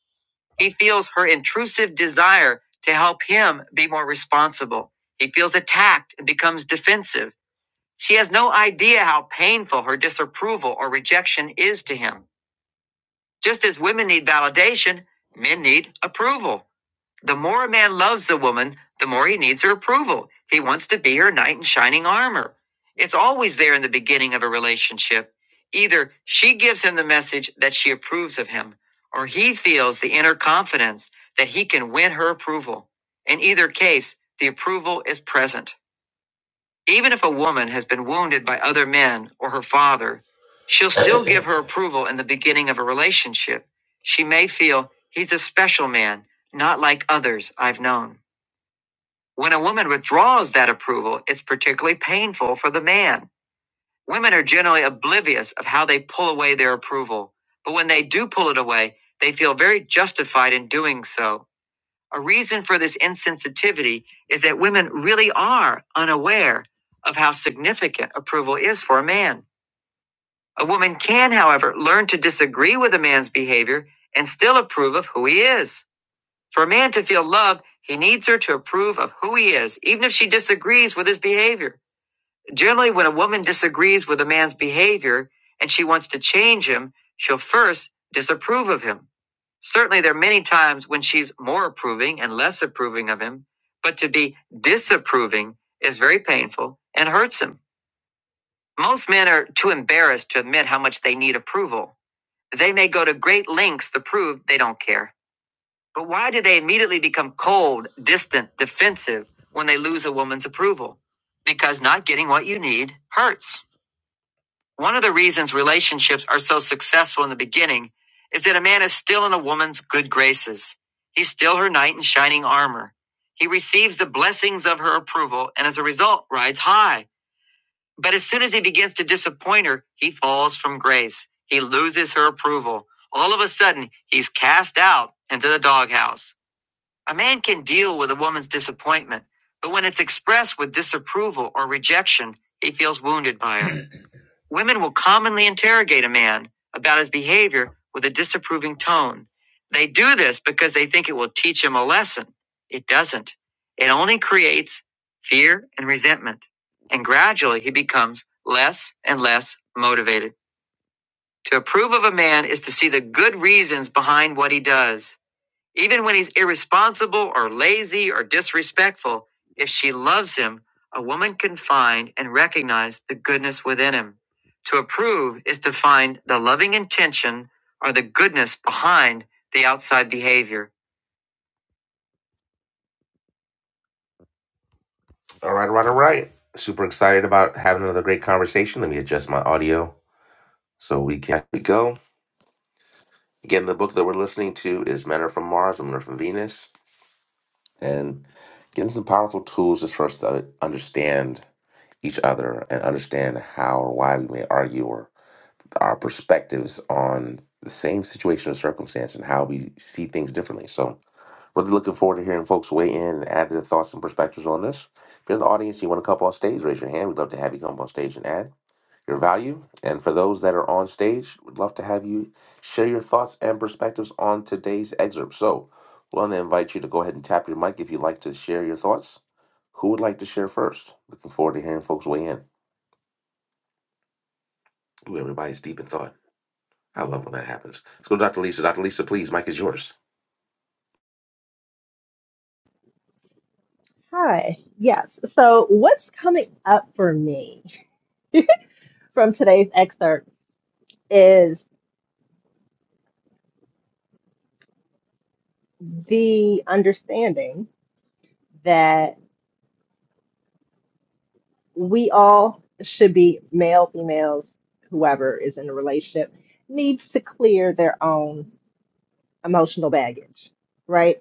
Speaker 2: He feels her intrusive desire to help him be more responsible. He feels attacked and becomes defensive. She has no idea how painful her disapproval or rejection is to him. Just as women need validation, men need approval. The more a man loves a woman, the more he needs her approval. He wants to be her knight in shining armor. It's always there in the beginning of a relationship. Either she gives him the message that she approves of him, or he feels the inner confidence that he can win her approval. In either case, the approval is present. Even if a woman has been wounded by other men or her father, she'll still give her approval in the beginning of a relationship. She may feel he's a special man, not like others I've known. When a woman withdraws that approval, it's particularly painful for the man. Women are generally oblivious of how they pull away their approval, but when they do pull it away, they feel very justified in doing so. A reason for this insensitivity is that women really are unaware of how significant approval is for a man. A woman can, however, learn to disagree with a man's behavior and still approve of who he is. For a man to feel love, he needs her to approve of who he is, even if she disagrees with his behavior. Generally, when a woman disagrees with a man's behavior and she wants to change him, she'll first disapprove of him. Certainly, there are many times when she's more approving and less approving of him, but to be disapproving is very painful and hurts him. Most men are too embarrassed to admit how much they need approval. They may go to great lengths to prove they don't care. But why do they immediately become cold, distant, defensive when they lose a woman's approval? Because not getting what you need hurts. One of the reasons relationships are so successful in the beginning is that a man is still in a woman's good graces. He's still her knight in shining armor. He receives the blessings of her approval and as a result rides high. But as soon as he begins to disappoint her, he falls from grace. He loses her approval. All of a sudden, he's cast out into the doghouse. A man can deal with a woman's disappointment, but when it's expressed with disapproval or rejection, he feels wounded by her. Women will commonly interrogate a man about his behavior with a disapproving tone. They do this because they think it will teach him a lesson. It doesn't. It only creates fear and resentment. And gradually he becomes less and less motivated. To approve of a man is to see the good reasons behind what he does. Even when he's irresponsible or lazy or disrespectful, if she loves him, a woman can find and recognize the goodness within him. To approve is to find the loving intention or the goodness behind the outside behavior. All right, all right, all right. Super excited about having another great conversation. Let me adjust my audio so we can we go. Again, the book that we're listening to is Men Are From Mars, Women Are From Venus, and getting some powerful tools just for us to understand each other and understand how or why we may argue or our perspectives on the same situation or circumstance and how we see things differently. So, really looking forward to hearing folks weigh in and add their thoughts and perspectives on this. If you're in the audience, you want to come up on stage, raise your hand. We'd love to have you come up on stage and add your value. And for those that are on stage, we'd love to have you share your thoughts and perspectives on today's excerpt. So, we want to invite you to go ahead and tap your mic if you'd like to share your thoughts. Who would like to share first? Looking forward to hearing folks weigh in. Ooh, everybody's deep in thought. I love when that happens. Let's go to Dr. Lisa. Dr. Lisa, please, Mike is yours.
Speaker 3: Hi. Yes. So what's coming up for me from today's excerpt is the understanding that we all should be male, females, whoever is in a relationship needs to clear their own emotional baggage, right?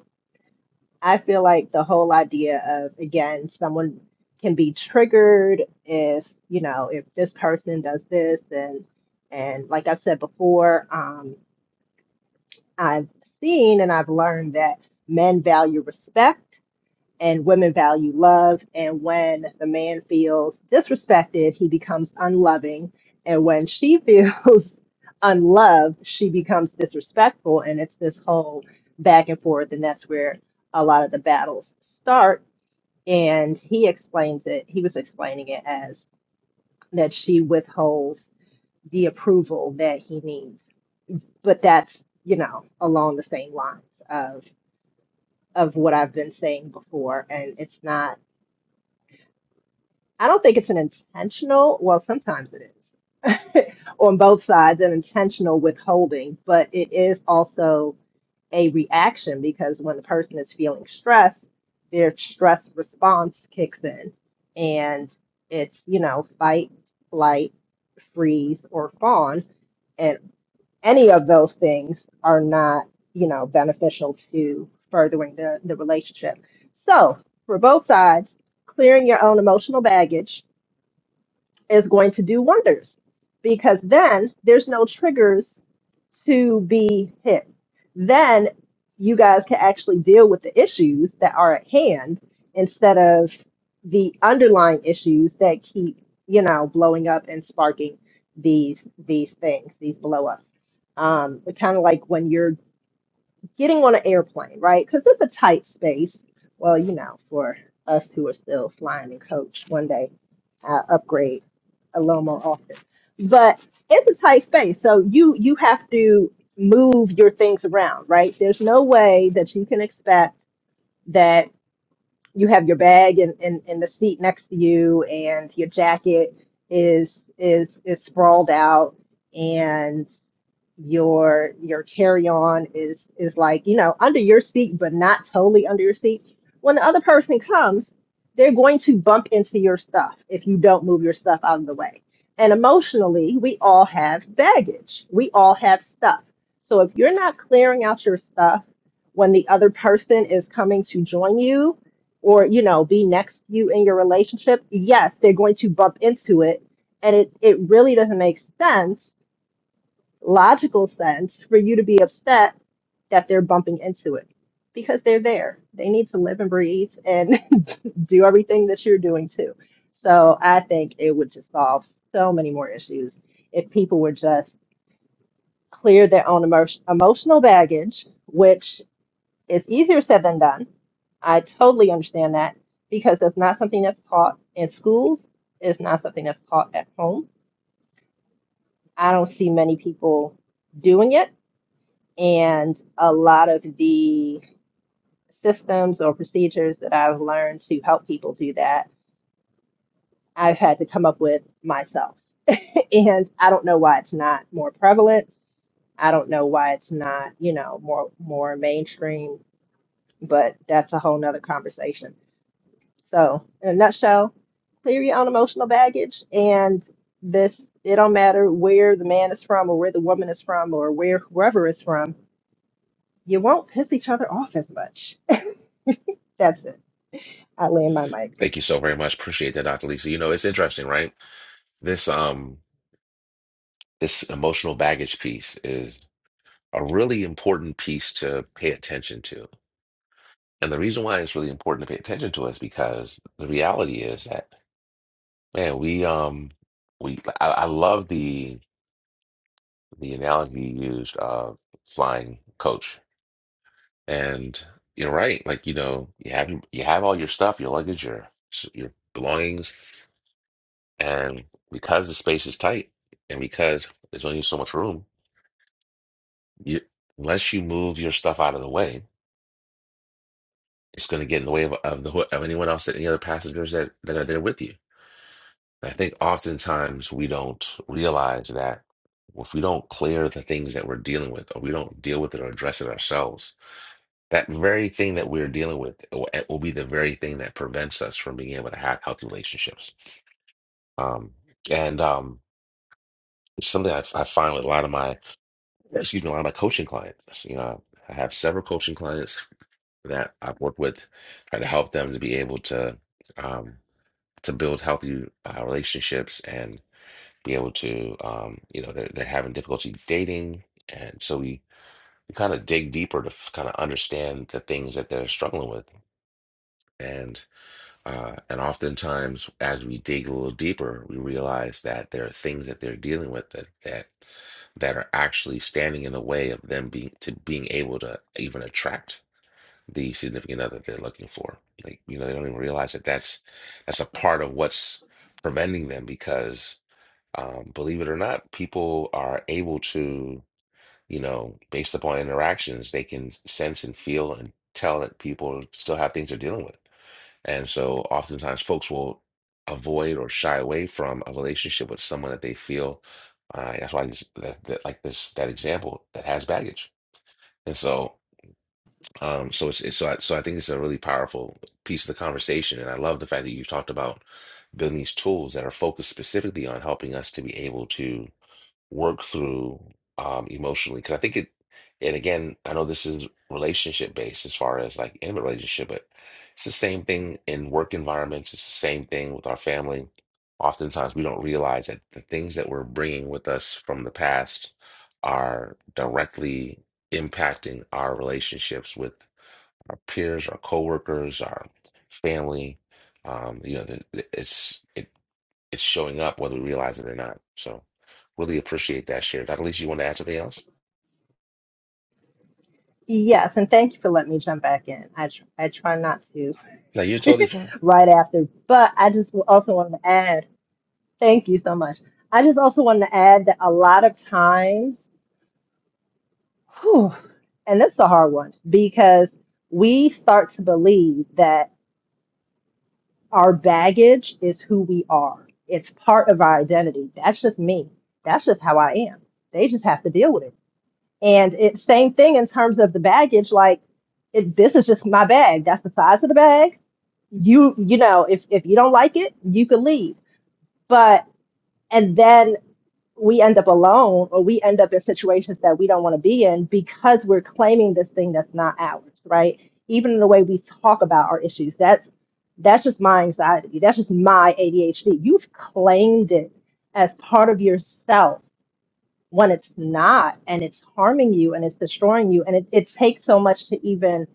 Speaker 3: I feel like the whole idea of, again, someone can be triggered if, you know, if this person does this and, and like I've said before, um, I've seen and I've learned that men value respect and women value love. And when the man feels disrespected, he becomes unloving. And when she feels unloved, she becomes disrespectful. And it's this whole back and forth. And that's where a lot of the battles start. And he explains it, he was explaining it as that she withholds the approval that he needs. But that's, you know, along the same lines of of what I've been saying before. And it's not I don't think it's an intentional, well, sometimes it is on both sides, an intentional withholding, but it is also a reaction because when the person is feeling stress, their stress response kicks in and it's, you know, fight, flight, freeze, or fawn. And any of those things are not, you know, beneficial to furthering the, the relationship. So for both sides, clearing your own emotional baggage is going to do wonders because then there's no triggers to be hit. Then you guys can actually deal with the issues that are at hand instead of the underlying issues that keep, you know, blowing up and sparking these these things, these blow ups. Um, it's kind of like when you're getting on an airplane, right? Because it's a tight space. Well, you know, for us who are still flying in coach, one day I upgrade a little more often. But it's a tight space, so you you have to move your things around, right? There's no way that you can expect that you have your bag in, in, in the seat next to you and your jacket is is is sprawled out and your your carry-on is is like you know under your seat but not totally under your seat when the other person comes they're going to bump into your stuff if you don't move your stuff out of the way and emotionally we all have baggage we all have stuff so if you're not clearing out your stuff when the other person is coming to join you or you know be next to you in your relationship yes they're going to bump into it and it it really doesn't make sense logical sense for you to be upset that they're bumping into it because they're there. They need to live and breathe and do everything that you're doing too. So I think it would just solve so many more issues if people would just clear their own emo- emotional baggage, which is easier said than done. I totally understand that because that's not something that's taught in schools. It's not something that's taught at home. I don't see many people doing it And a lot of the systems or procedures that I've learned to help people do that, I've had to come up with myself. And I don't know why it's not more prevalent. I don't know why it's not, you know, more more mainstream, but that's a whole nother conversation. So in a nutshell, clear your own emotional baggage and this it don't matter where the man is from or where the woman is from or where whoever is from, you won't piss each other off as much. That's it. I land my mic.
Speaker 2: Thank you so very much. Appreciate that, Dr. Lisa. You know, it's interesting, right? This um this emotional baggage piece is a really important piece to pay attention to. And the reason why it's really important to pay attention to is because the reality is that, man, we um we I, I love the the analogy you used of flying coach. And you're right. Like, you know, you have you have all your stuff, your luggage, your your belongings, and because the space is tight and because there's only so much room, you unless you move your stuff out of the way, it's going to get in the way of, of the of anyone else, that any other passengers that that are there with you. And I think oftentimes we don't realize that if we don't clear the things that we're dealing with, or we don't deal with it or address it ourselves That very thing that we're dealing with will will be the very thing that prevents us from being able to have healthy relationships. Um, and um, it's something I, I find with a lot of my, excuse me, a lot of my coaching clients. You know, I have several coaching clients that I've worked with, trying to help them to be able to um, to build healthy uh, relationships and be able to, um, you know, they're they're having difficulty dating, and so we we kind of dig deeper to kind of understand the things that they're struggling with, and Uh, and oftentimes, as we dig a little deeper, we realize that there are things that they're dealing with that that that are actually standing in the way of them being to being able to even attract the significant other they're looking for. Like, you know, they don't even realize that that's that's a part of what's preventing them because, um, believe it or not, people are able to, you know, based upon interactions, they can sense and feel and tell that people still have things they're dealing with. And so oftentimes folks will avoid or shy away from a relationship with someone that they feel uh, that's why this, that, that like this that example that has baggage. And so um so it's, it's so I, so I think it's a really powerful piece of the conversation and I love the fact that you talked about building these tools that are focused specifically on helping us to be able to work through um, emotionally. Because I think it, and again, I know this is relationship based as far as like in a relationship, but it's the same thing in work environments. It's the same thing with our family. Oftentimes, we don't realize that the things that we're bringing with us from the past are directly impacting our relationships with our peers, our coworkers, our family. Um, you know, the, the- it's it it's showing up whether we realize it or not. So really appreciate that share. Dr. Lisa, you want to add something else?
Speaker 3: Yes, and thank you for letting me jump back in. I tr I try not to
Speaker 2: No, you're totally fine.
Speaker 3: right after, but I just w- also wanted to add, thank you so much. I just also wanted to add that a lot of times, whew, and that's the hard one because we start to believe that our baggage is who we are. It's part of our identity. That's just me. That's just how I am. They just have to deal with it And it's same thing in terms of the baggage. Like, it, this is just my bag. That's the size of the bag. You, you know, if if you don't like it, you can leave. But and then we end up alone, or we end up in situations that we don't want to be in because we're claiming this thing that's not ours, right? Even in the way we talk about our issues, that's that's just my anxiety. That's just my ADHD. You've claimed it as part of yourself when it's not and it's harming you and it's destroying you and it, it takes so much to even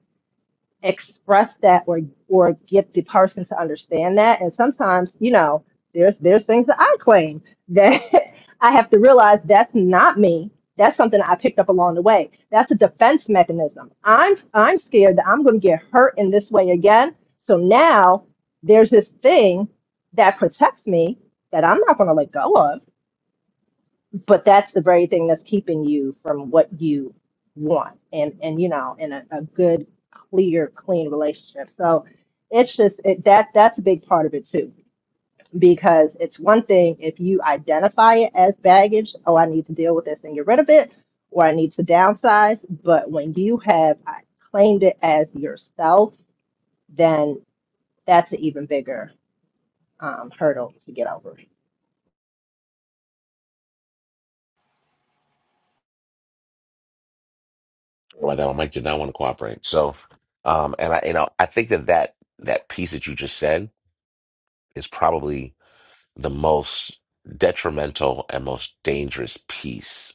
Speaker 3: express that or or get the person to understand that and sometimes you know there's there's things that i claim that i have to realize that's not me that's something i picked up along the way that's a defense mechanism i'm i'm scared that i'm going to get hurt in this way again so now there's this thing that protects me that i'm not going to let go of but that's the very thing that's keeping you from what you want and and you know in a, a good clear clean relationship so it's just it, that that's a big part of it too because it's one thing if you identify it as baggage oh i need to deal with this and get rid of it or i need to downsize but when you have uh, claimed it as yourself then that's an even bigger um, hurdle to get over
Speaker 2: Well, no, Mike did not want to cooperate. So, um, and I, you know, I think that that that piece that you just said is probably the most detrimental and most dangerous piece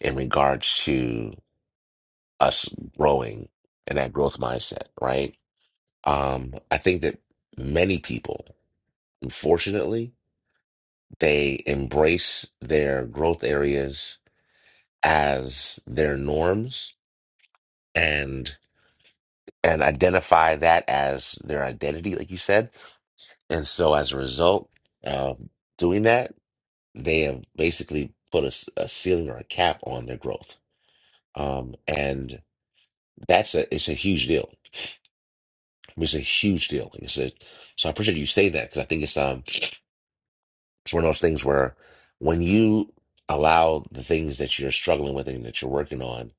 Speaker 2: in regards to us growing and that growth mindset, right? Um, I think that many people, unfortunately, they embrace their growth areas as their norms and and identify that as their identity, like you said. And so as a result, um, doing that, they have basically put a, s- a ceiling or a cap on their growth. Um, and that's a it's a huge deal. It's a huge deal. It's a, so I appreciate you saying that because I think it's um it's one of those things where when you allow the things that you're struggling with and that you're working on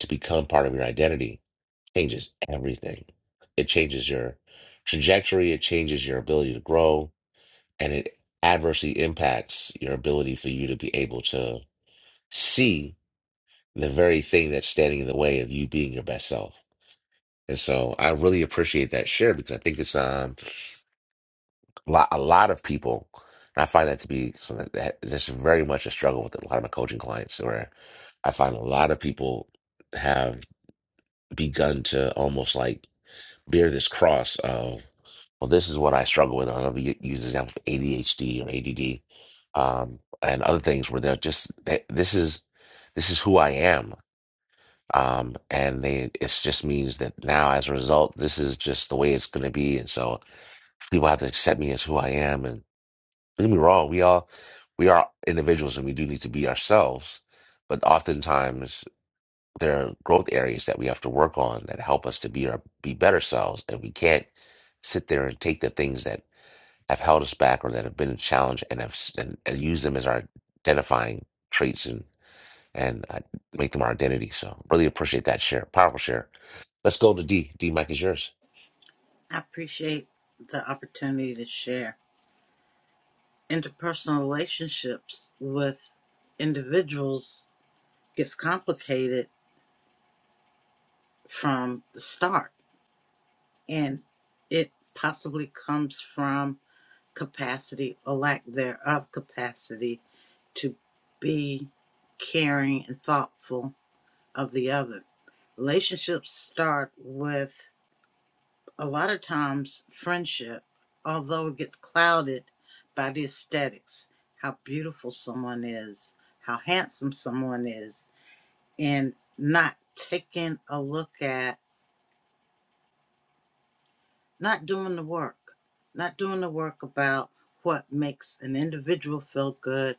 Speaker 2: to become part of your identity, changes everything. It changes your trajectory, it changes your ability to grow, and it adversely impacts your ability for you to be able to see the very thing that's standing in the way of you being your best self. And so I really appreciate that share because I think it's um a lot, a lot of people, and I find that to be something that that's very much a struggle with a lot of my coaching clients where I find a lot of people have begun to almost like bear this cross of Well, this is what I struggle with. I love to use the example of ADHD or ADD um, and other things where they're just they, this is this is who I am, um, and they it just means that now as a result, this is just the way it's going to be, and so people have to accept me as who I am. And don't get me wrong, we all we are individuals, and we do need to be ourselves, but oftentimes there are growth areas that we have to work on that help us to be our be better selves, and we can't sit there and take the things that have held us back or that have been a challenge and have s- and, and use them as our identifying traits and and uh, make them our identity. So really appreciate that share, powerful share. Let's go to D. D. Mike is yours.
Speaker 9: I appreciate the opportunity to share. Interpersonal relationships with individuals gets complicated from the start, and it possibly comes from capacity or lack thereof capacity to be caring and thoughtful of the other. Relationships start with a lot of times friendship, although it gets clouded by the aesthetics, how beautiful someone is, how handsome someone is, and not taking a look at, not doing the work, not doing the work about what makes an individual feel good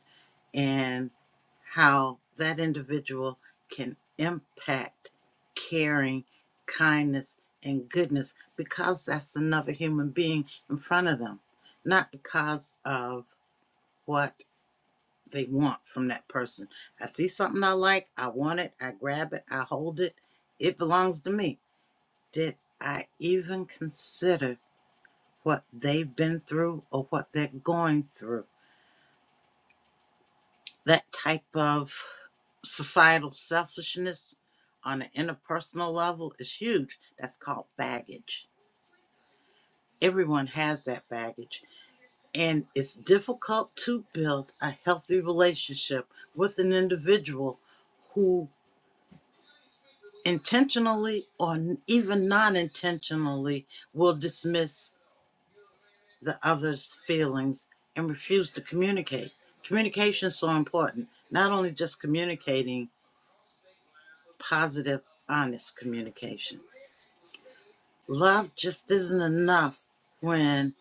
Speaker 9: and how that individual can impact caring, kindness, and goodness because that's another human being in front of them, not because of what they want from that person. I see something I like, I want it, I grab it, I hold it, it belongs to me. Did I even consider what they've been through or what they're going through? That type of societal selfishness on an interpersonal level is huge. That's called baggage. Everyone has that baggage. And it's difficult to build a healthy relationship with an individual who intentionally or even non intentionally will dismiss the other's feelings and refuse to communicate. Communication is so important, not only just communicating, positive, honest communication. Love just isn't enough when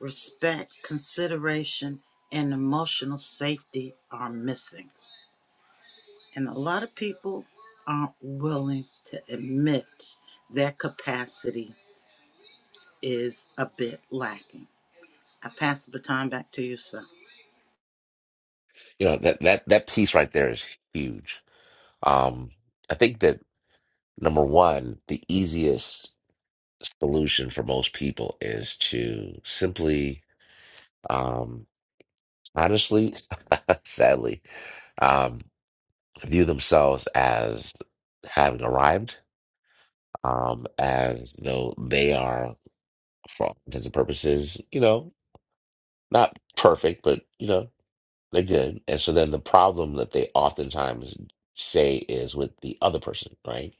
Speaker 9: respect, consideration, and emotional safety are missing. And a lot of people aren't willing to admit their capacity is a bit lacking. I pass the baton back to you, sir.
Speaker 2: You know that that that piece right there is huge. Um, I think that number one, the easiest solution for most people is to simply, um, honestly, sadly, um, view themselves as having arrived um, as though they are, for all intents and purposes, you know, not perfect, but you know, they're good. And so then the problem that they oftentimes say is with the other person, right?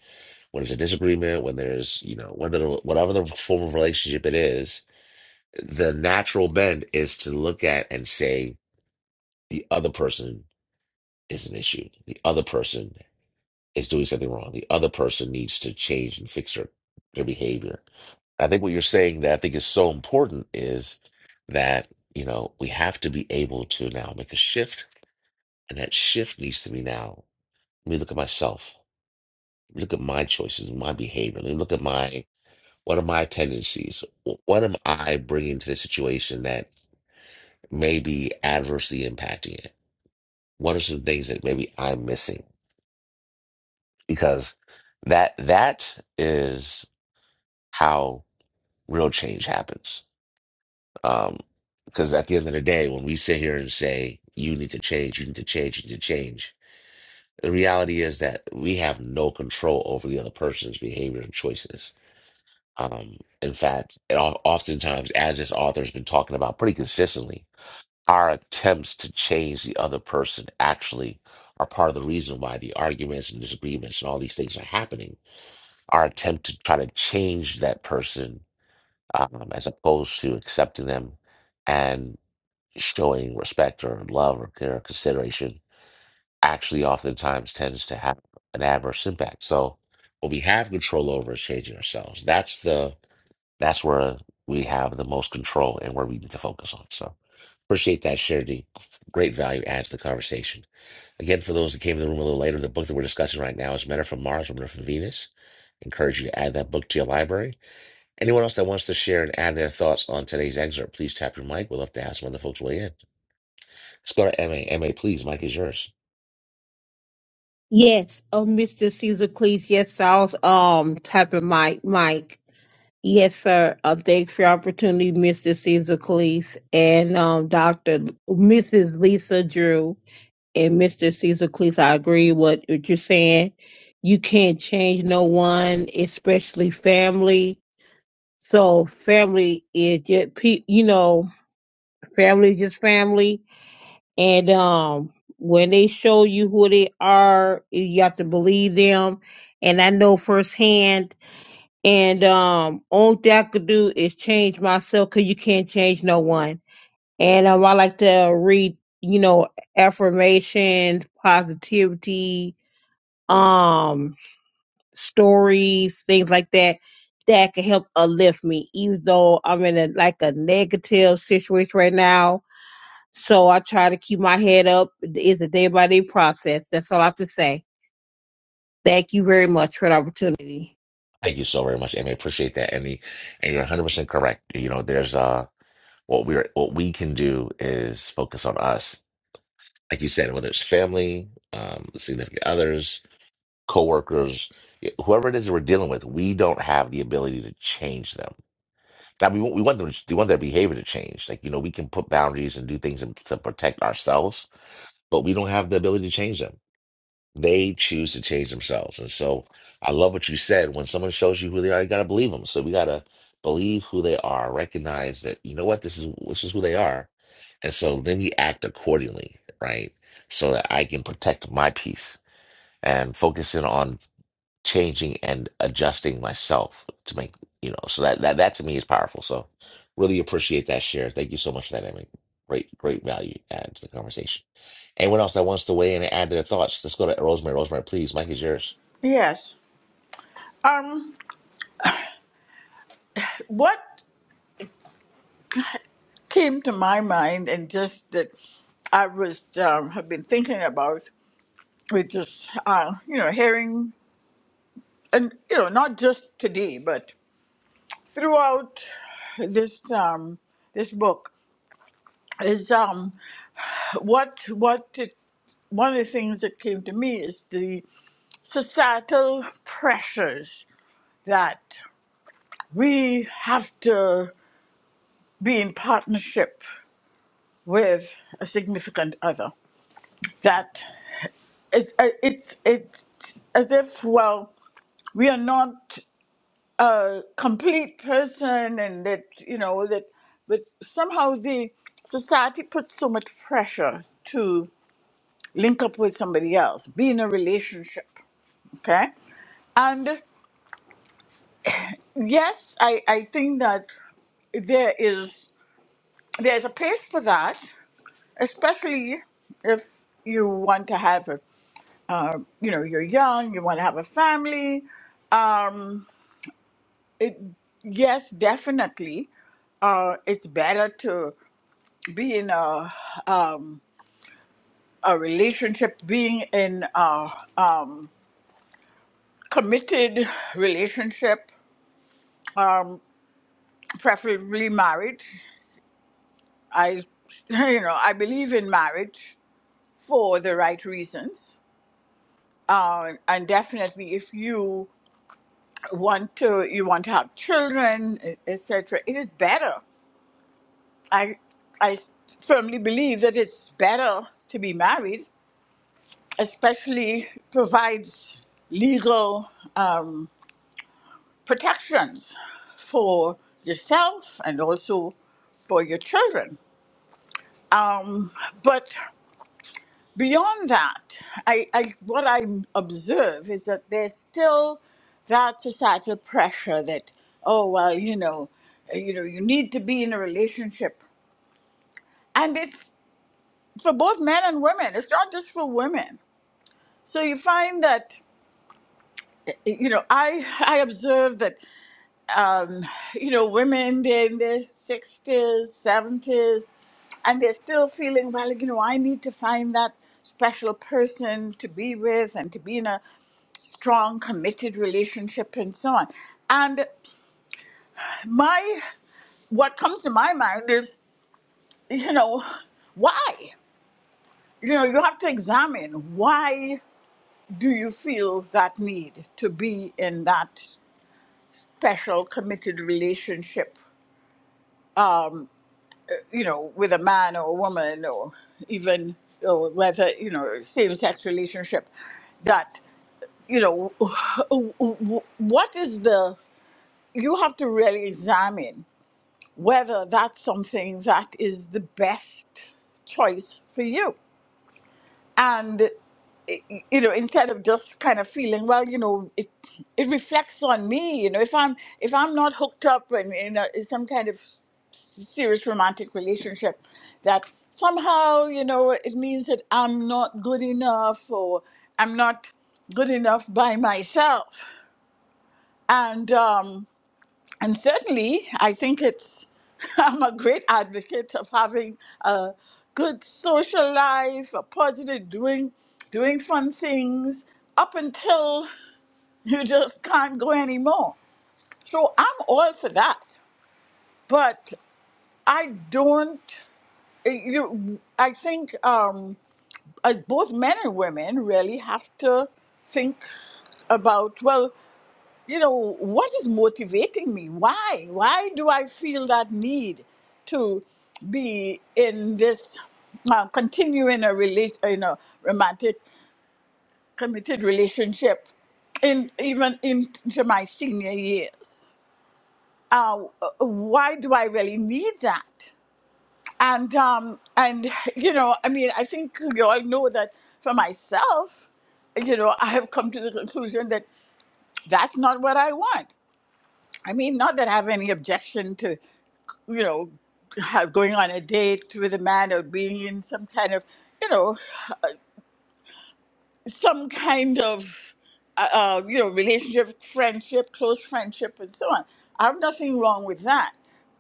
Speaker 2: When there's a disagreement, when there's, you know, whatever, the, whatever the form of relationship it is, the natural bend is to look at and say the other person is an issue. The other person is doing something wrong. The other person needs to change and fix their, their behavior. I think what you're saying that I think is so important is that, you know, we have to be able to now make a shift. And that shift needs to be now. Let me look at myself. Look at my choices, my behavior. Let me look at my, what are my tendencies? Wh- What am I bringing to the situation that may be adversely impacting it? What are some things that maybe I'm missing? Because that, that is how. real change happens. Um, because at the end of the day, when we sit here and say, you need to change, you need to change, you need to change, the reality is that we have no control over the other person's behavior and choices. Um, in fact, it, al- oftentimes, as this author's been talking about pretty consistently, our attempts to change the other person actually are part of the reason why the arguments and disagreements and all these things are happening. Our attempt to try to change that person um, as opposed to accepting them and showing respect or love or care or consideration actually oftentimes tends to have an adverse impact. So what we have control over is changing ourselves. That's the that's where we have the most control and where we need to focus on. So appreciate that share D. Great value adds to the conversation. Again, for those that came in the room a little later, the book that we're discussing right now is Men Are From Mars, Women Are From Venus. Encourage you to add that book to your library. Anyone else that wants to share and add their thoughts on today's excerpt, please tap your mic. We'd love to ask when the folks weigh in. Let's go to M A. M A, please. Mic is yours.
Speaker 1: Yes, oh Mr. Caesar Cleese, yes, I was um tapping my mic. Yes, sir. Uh, thanks for your opportunity, Mr. Caesar Cleese and um, Dr. Mrs. Lisa Drew and Mr. Caesar Cleese. I agree with what you're saying. You can't change no one, especially family. So family is just pe- you know, family is just family. And um, when they show you who they are, you have to believe them. And I know firsthand and um, only thing I could do is change myself because you can't change no one. And um, I like to read, you know, affirmations, positivity, um, stories, things like that that can help uplift me, even though I'm in a like a negative situation right now. So I try to keep my head up. It's a day by day process. That's all I have to say. Thank you very much for the opportunity.
Speaker 2: Thank you so very much, MA. Appreciate that. And, the, and you're 100% correct. You know, there's uh, what we're what we can do is focus on us. Like you said, whether it's family, um, significant others, coworkers, whoever it is that we're dealing with, we don't have the ability to change them that we want we want them to, we want their behavior to change. Like you know, we can put boundaries and do things in, to protect ourselves, but we don't have the ability to change them. They choose to change themselves, and so I love what you said. When someone shows you who they are, you gotta believe them. So we gotta believe who they are, recognize that you know what this is. This is who they are, and so then we act accordingly, right? So that I can protect my peace and focus in on changing and adjusting myself to make you know so that that, that to me is powerful so really appreciate that share thank you so much for that I mean, great great value add to the conversation anyone else that wants to weigh in and add their thoughts let's go to rosemary rosemary please mike is yours
Speaker 7: Yes. Um, what came to my mind and just that I was um, have been thinking about with just uh, you know hearing and you know not just today but throughout this um this book is um what what it, one of the things that came to me is the societal pressures that we have to be in partnership with a significant other that it's uh, it's it's as if well we are not a complete person and that you know that but somehow the society puts so much pressure to link up with somebody else be in a relationship okay and yes i i think that there is there's a place for that especially if you want to have a uh, you know you're young you want to have a family um it, yes definitely uh, it's better to be in a a relationship, being in a committed relationship, um, preferably marriage. I, you know, I believe in marriage for the right reasons, uh, and definitely if you want to, you want to have children, e- etc. It is better. I, I firmly believe that it's better to be married, especially provides legal. Um, protections for yourself and also for your children. Um, but beyond that, I, I, what I observe is that there's still that societal pressure that, oh, well, you know, uh, you know, you need to be in a relationship. And it's for both men and women. It's not just for women. So you find that, you know, I, I observe that um, you know, women in their 60s, 70s, and they're still feeling, well, you know, I need to find that special person to be with and to be in a strong, committed relationship and so on. And my, what comes to my mind is, you know, why? You know, you have to examine why do you feel that need to be in that special, committed relationship you know, with a man or a woman or even or whether, you know, same sex relationship, that, you know, what is the, you have to really examine whether that's something that is the best choice for you. And, you know, instead of just kind of feeling, well, you know, it, it reflects on me, you know, if I'm, if I'm not hooked up in, in, a, in some kind of serious romantic relationship that somehow you know it means that i'm not good enough or i'm not good enough by myself and um and certainly i think it's i'm a great advocate of having a good social life a positive doing doing fun things up until you just can't go anymore so i'm all for that but i don't Eh, you, I think um, uh, both men and women really have to think about well, you know, what is motivating me? Why? Why do I feel that need to be in this uh, continue in a relation, in a romantic, committed relationship, in even into my senior years? Uh, uh, why do I really need that? and um and you know i mean i think you all know that for myself you know i have come to the conclusion that that's not what i want i mean not that i have any objection to you know have, going on a date with a man or being in some kind of you know some kind of uh, uh, you know relationship friendship close friendship and so on i have nothing wrong with that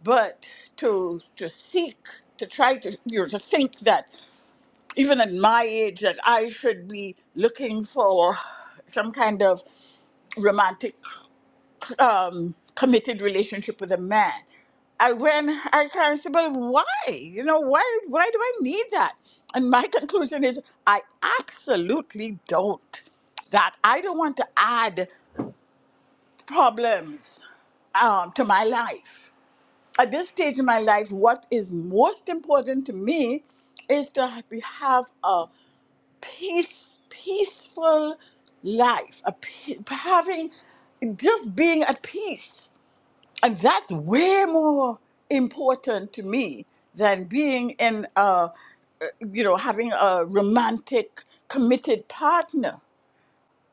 Speaker 7: but to to seek to try to you know to think that even at my age that I should be looking for some kind of romantic, um, committed relationship with a man. I when I kind of said, well, why? You know, why? Why do I need that? And my conclusion is, I absolutely don't. That I don't want to add problems um, to my life. At this stage in my life, what is most important to me is to be- have a peace, peaceful life, a pe- having just being at peace, and that's way more important to me than being in a, uh, you know, having a romantic, committed partner,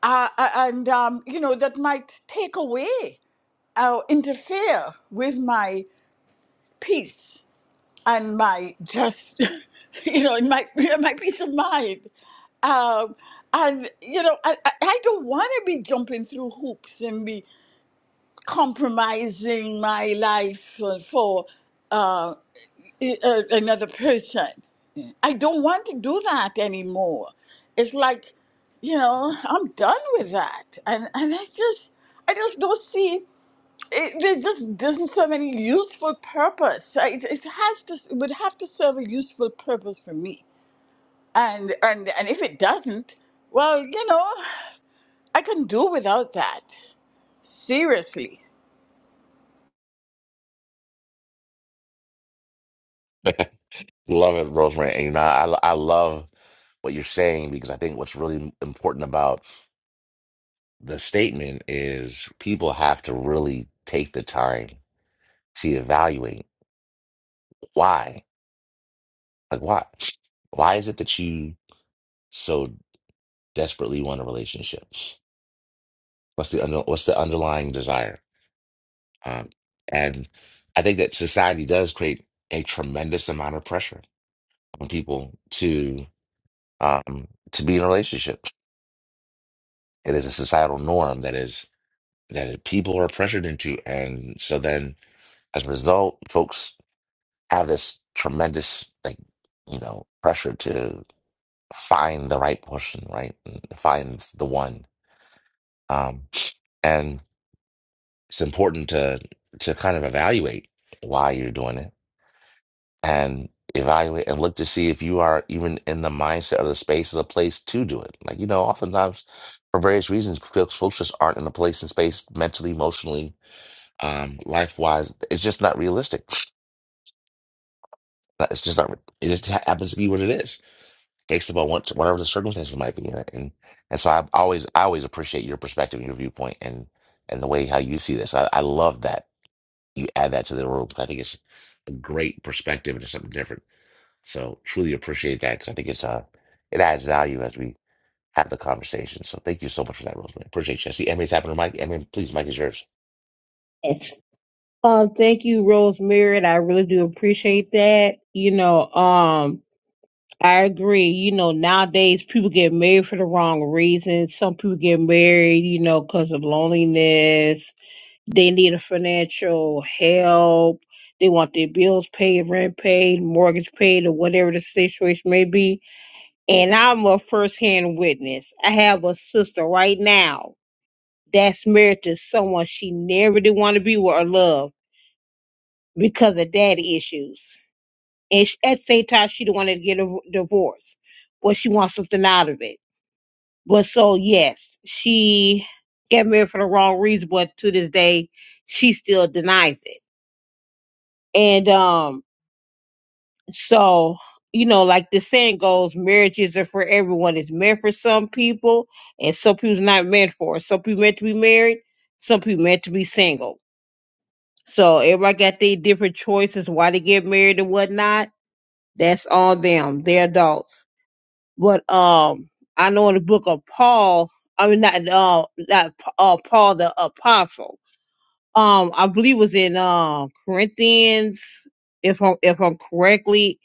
Speaker 7: uh, and um, you know that might take away or interfere with my peace and my just you know and my my peace of mind um and you know i i I don't want to be jumping through hoops and be compromising my life for, for uh, a- a- another person i don't want to do that anymore it's like you know i'm done with that and and i just i just don't see it, there just doesn't serve any useful purpose. I- It, it has to it would have to serve a useful purpose for me. And and and if it doesn't, well, you know, I can do without that. Seriously.
Speaker 2: love it rosemary and you know I, I love what you're saying because i think what's really important about the statement is people have to really take the time to evaluate why like why why is it that you so desperately want a relationship? What's the under, what's the underlying desire? Um, and I think that society does create a tremendous amount of pressure on people to um, to be in a relationship. It is a societal norm that is that people are pressured into, and so then as a result, folks have this tremendous like you know pressure to find the right person, right, and find the one. Um, and it's important to to kind of evaluate why you're doing it and evaluate and look to see if you are even in the mindset or the space or the place to do it. Like, you know, oftentimes for various reasons, folks, folks just aren't in the place and space mentally, emotionally, um, life wise. It's just not realistic. It's just not, it just ha- happens to be what it is based upon what whatever the circumstances might be in And and so I always I always appreciate your perspective and your viewpoint and and the way how you see this. I, I love that you add that to the room. I think it's a great perspective and it's something different. So truly appreciate that because I think it's uh it adds value as we have the conversation. So thank you so much for that, Rosemary. Appreciate you. I see Emmy's happening, Mike. Emmy, please, Mike is yours.
Speaker 1: Yes. Um, thank you, Rosemary. and I really do appreciate that. You know, um, I agree. You know, nowadays people get married for the wrong reasons. Some people get married, you know, because of loneliness. They need a financial help. They want their bills paid, rent paid, mortgage paid, or whatever the situation may be. And I'm a firsthand witness. I have a sister right now that's married to someone she never did want to be with or love because of daddy issues. And sh at the same time, she don't want to get a divorce, but she wants something out of it. But so yes, she got married for the wrong reason, but to this day, she still denies it. And um, so you know, like the saying goes, marriage isn't for everyone. It's meant for some people, and some people's not meant for. it. Some people meant to be married, some people meant to be single. So everybody got their different choices why they get married and whatnot That's on them. They're adults. But um, I know in the book of Paul, I mean not uh, not uh, Paul the apostle. Um, I believe it was in uh, Corinthians. If I'm if I'm correctly,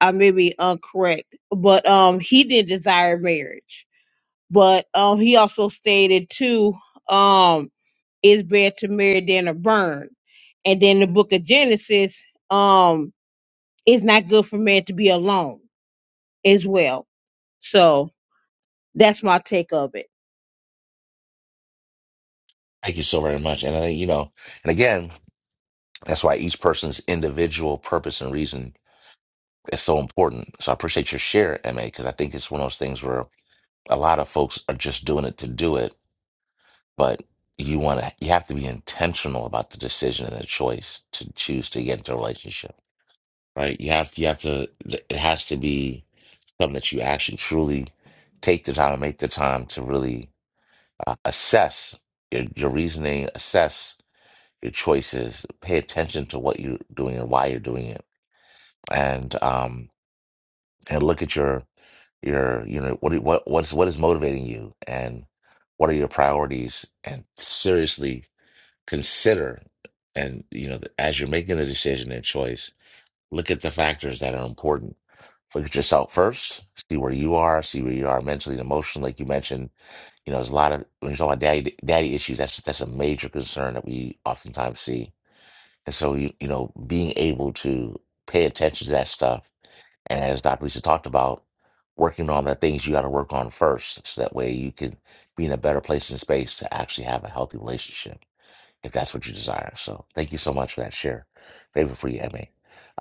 Speaker 1: I may be incorrect, but um, he did desire marriage, but um, he also stated too um, it's better to marry than to burn. And then the book of Genesis, um, it's not good for man to be alone as well. So that's my take of it.
Speaker 2: Thank you so very much. And I think, you know, and again, that's why each person's individual purpose and reason is so important. So I appreciate your share, MA, because I think it's one of those things where a lot of folks are just doing it to do it but you want to you have to be intentional about the decision and the choice to choose to get into a relationship right you have you have to it has to be something that you actually truly take the time and make the time to really uh, assess your, your reasoning assess your choices pay attention to what you're doing and why you're doing it and um and look at your your you know what do- what what's what is motivating you and what are your priorities and seriously consider and you know as you're making the decision and choice look at the factors that are important look at yourself first see where you are see where you are mentally and emotionally like you mentioned you know there's a lot of when you talk about daddy daddy issues that's that's a major concern that we oftentimes see and so you, you know being able to pay attention to that stuff and as dr lisa talked about working on the things you got to work on first so that way you can be in a better place and space to actually have a healthy relationship if that's what you desire. So thank you so much for that share. Grateful for you, MA.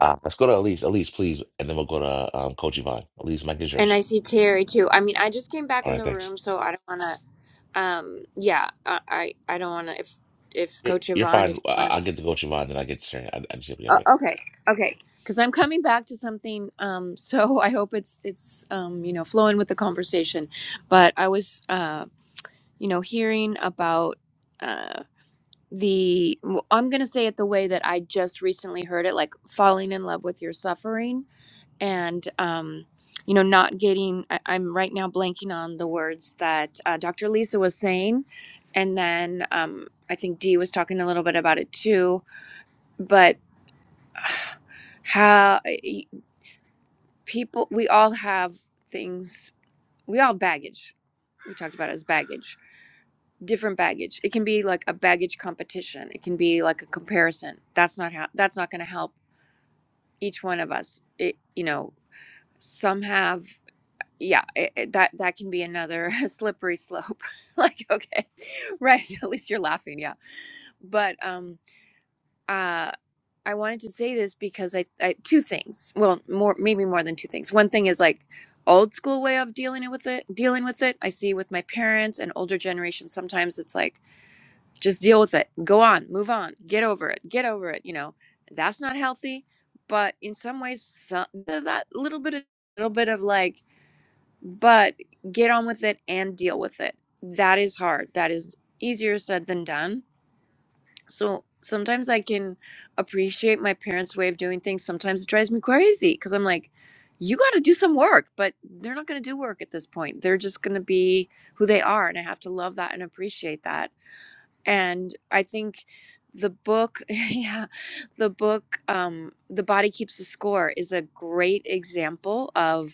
Speaker 2: Uh, let's go to Elise. Elise, please, and then we'll go to um, Coach Yvonne. Elise, Mike is
Speaker 8: And
Speaker 2: yours.
Speaker 8: I see Terry too. I mean, I just came back
Speaker 2: All
Speaker 8: in
Speaker 2: right,
Speaker 8: the
Speaker 2: thanks.
Speaker 8: room, so I don't want to. Um, yeah, I, I, I don't want to. If, if
Speaker 2: You're,
Speaker 8: Coach
Speaker 2: you're
Speaker 8: Yvonne, if
Speaker 2: fine.
Speaker 8: you
Speaker 2: I-
Speaker 8: want
Speaker 2: I'll
Speaker 8: to,
Speaker 2: get to Coach Yvonne, then I get to share. I, I just get it.
Speaker 8: uh, okay, okay, because I'm coming back to something. Um, so I hope it's it's um, you know, flowing with the conversation. But I was uh, you know, hearing about uh the. well, I'm gonna say it the way that I just recently heard it, like falling in love with your suffering and um, you know not getting I, i'm right now blanking on the words that uh, dr lisa was saying and then um, i think dee was talking a little bit about it too but how people we all have things we all have baggage we talked about it as baggage different baggage it can be like a baggage competition it can be like a comparison that's not how that's not going to help each one of us it you know some have yeah it, it- that that can be another slippery slope like okay right at least you're laughing yeah but um uh i wanted to say this because I, I two things well more maybe more than two things one thing is like old school way of dealing with it dealing with it i see with my parents and older generation sometimes it's like just deal with it go on move on get over it get over it you know that's not healthy but in some ways some that little bit of little bit of like but get on with it and deal with it. That is hard. That is easier said than done. So sometimes I can appreciate my parents' way of doing things. Sometimes it drives me crazy because I'm like, you got to do some work, but they're not going to do work at this point. They're just going to be who they are. And I have to love that and appreciate that. And I think the book, yeah, the book, um, The Body Keeps the Score is a great example of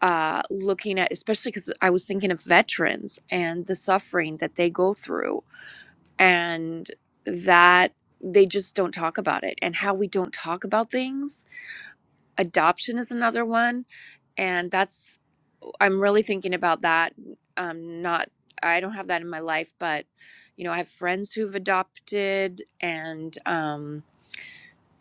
Speaker 8: uh, looking at, especially because I was thinking of veterans and the suffering that they go through, and that they just don't talk about it, and how we don't talk about things. Adoption is another one, and that's I'm really thinking about that. Um, not I don't have that in my life, but you know I have friends who've adopted, and um,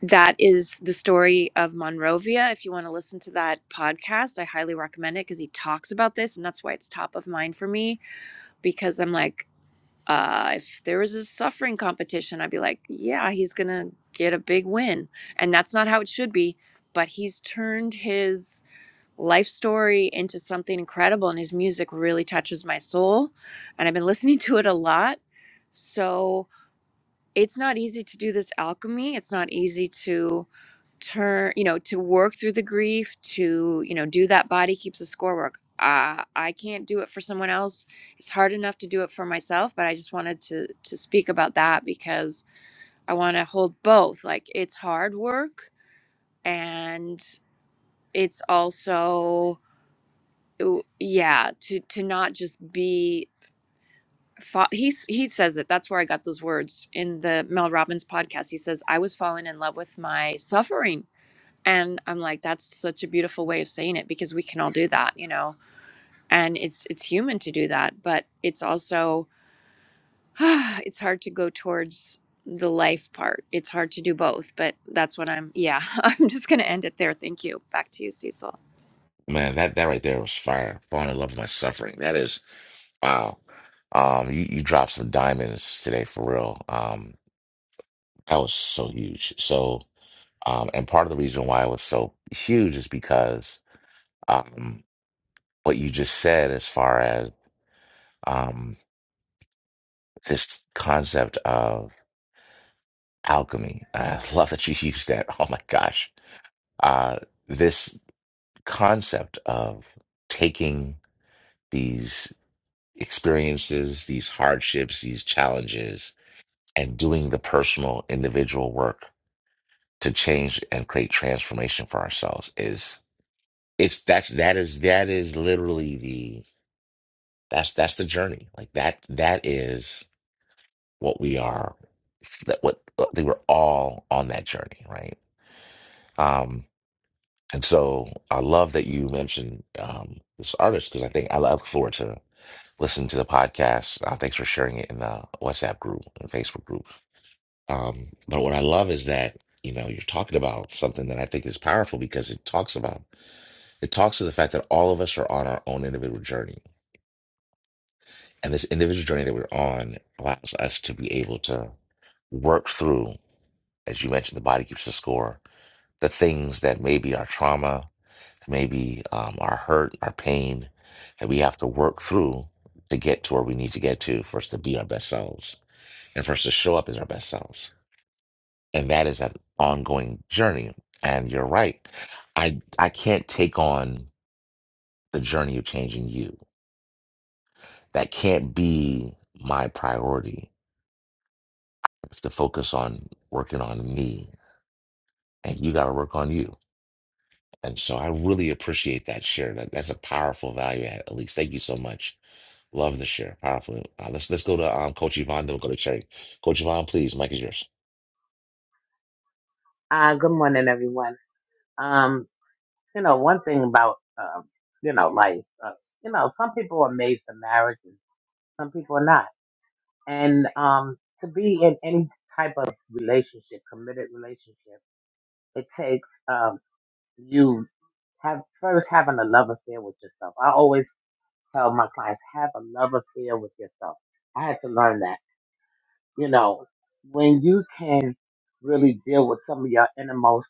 Speaker 8: that is the story of Monrovia. If you want to listen to that podcast, I highly recommend it because he talks about this, and that's why it's top of mind for me. Because I'm like, uh, if there was a suffering competition, I'd be like, yeah, he's gonna get a big win, and that's not how it should be. But he's turned his life story into something incredible, and his music really touches my soul, and I've been listening to it a lot. So it's not easy to do this alchemy. It's not easy to turn you know to work through the grief to you know do that body keeps the score work uh, i can't do it for someone else it's hard enough to do it for myself but i just wanted to to speak about that because i want to hold both like it's hard work and it's also yeah to to not just be fa- he's he says it that's where i got those words in the mel robbins podcast he says i was falling in love with my suffering and i'm like that's such a beautiful way of saying it because we can all do that you know and it's it's human to do that but it's also it's hard to go towards the life part it's hard to do both but that's what i'm yeah i'm just going to end it there thank you back to you cecil
Speaker 2: Man, that, that right there was fire. Falling in love with my suffering. That is, wow. Um, you, you dropped some diamonds today for real. Um, that was so huge. So, um, and part of the reason why it was so huge is because um, what you just said as far as um. this concept of alchemy. I love that you used that. Oh my gosh. Uh, this concept of taking these experiences, these hardships, these challenges, and doing the personal, individual work to change and create transformation for ourselves is it's that's that is that is literally the that's that's the journey like that that is what we are that what they were all on that journey right Um, and so I love that you mentioned um, this artist because I think I look forward to listening to the podcast. Uh, thanks for sharing it in the WhatsApp group and Facebook group. Um, but what I love is that you know you're talking about something that I think is powerful because it talks about it talks to the fact that all of us are on our own individual journey, and this individual journey that we're on allows us to be able to work through, as you mentioned, the body keeps the score, the things that maybe are trauma maybe um, our hurt, our pain that we have to work through to get to where we need to get to for us to be our best selves and for us to show up as our best selves. And that is an ongoing journey. And you're right. I I can't take on the journey of changing you. That can't be my priority. It's to focus on working on me. And you gotta work on you. And so I really appreciate that share. That that's a powerful value add. At least thank you so much. Love the share. Powerful. Uh, let's let's go to um, Coach Yvonne. Then we'll go to Cherry. Coach Yvonne, please. Mike is yours.
Speaker 10: Uh, good morning, everyone. Um, you know, one thing about, um, you know, life, uh, you know, some people are made for marriage and some people are not. And, um, to be in any type of relationship, committed relationship, it takes, um, you have first having a love affair with yourself. I always tell my clients, have a love affair with yourself. I had to learn that. You know, when you can really deal with some of your innermost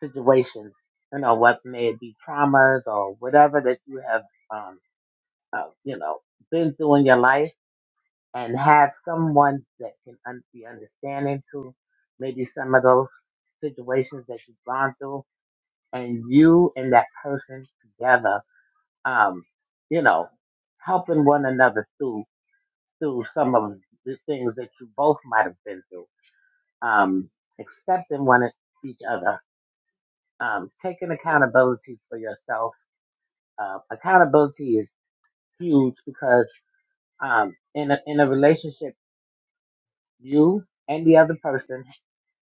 Speaker 10: situations, you know, what may it be traumas or whatever that you have, um, uh, you know, been through in your life and have someone that can un- be understanding to maybe some of those situations that you've gone through and you and that person together, um, you know, helping one another through, through some of the things that you both might have been through, um, accepting one e-, each other, um, taking accountability for yourself Uh, accountability is huge because um, in a in a relationship, you and the other person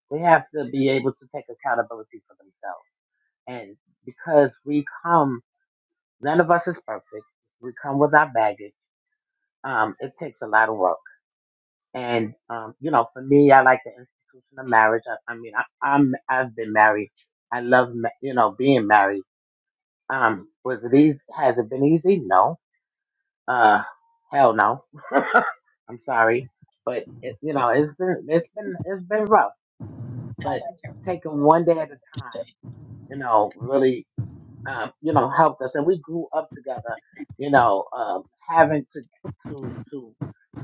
Speaker 10: they have to be able to take accountability for themselves. And because we come, none of us is perfect. We come with our baggage. Um, it takes a lot of work. And um, you know, for me, I like the institution of marriage. I, I mean, I, I'm I've been married. I love ma- you know being married. Um, was it easy? Has it been easy? No Uh, hell no. I'm sorry, but it, you know it's been it's been it's been rough, but taking one day at a time, you know, really, um, you know, helped us, and we grew up together, you know, um, having to to to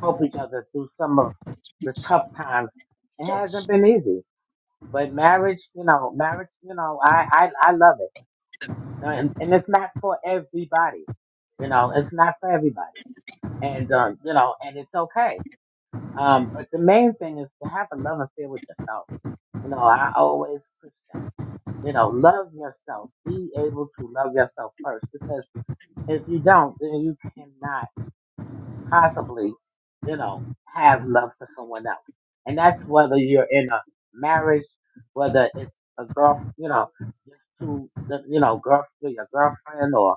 Speaker 10: help each other through some of the tough times. It hasn't been easy, but marriage, you know, marriage, you know, I I I love it, and and it's not for everybody, you know, it's not for everybody, and um, you know, and it's okay Um, but the main thing is to have a love affair with yourself. You know, I always push that. You know, love yourself. Be able to love yourself first because if you don't, then you cannot possibly, you know, have love for someone else. And that's whether you're in a marriage, whether it's a girl, you know, just to, you know, girl, your girlfriend or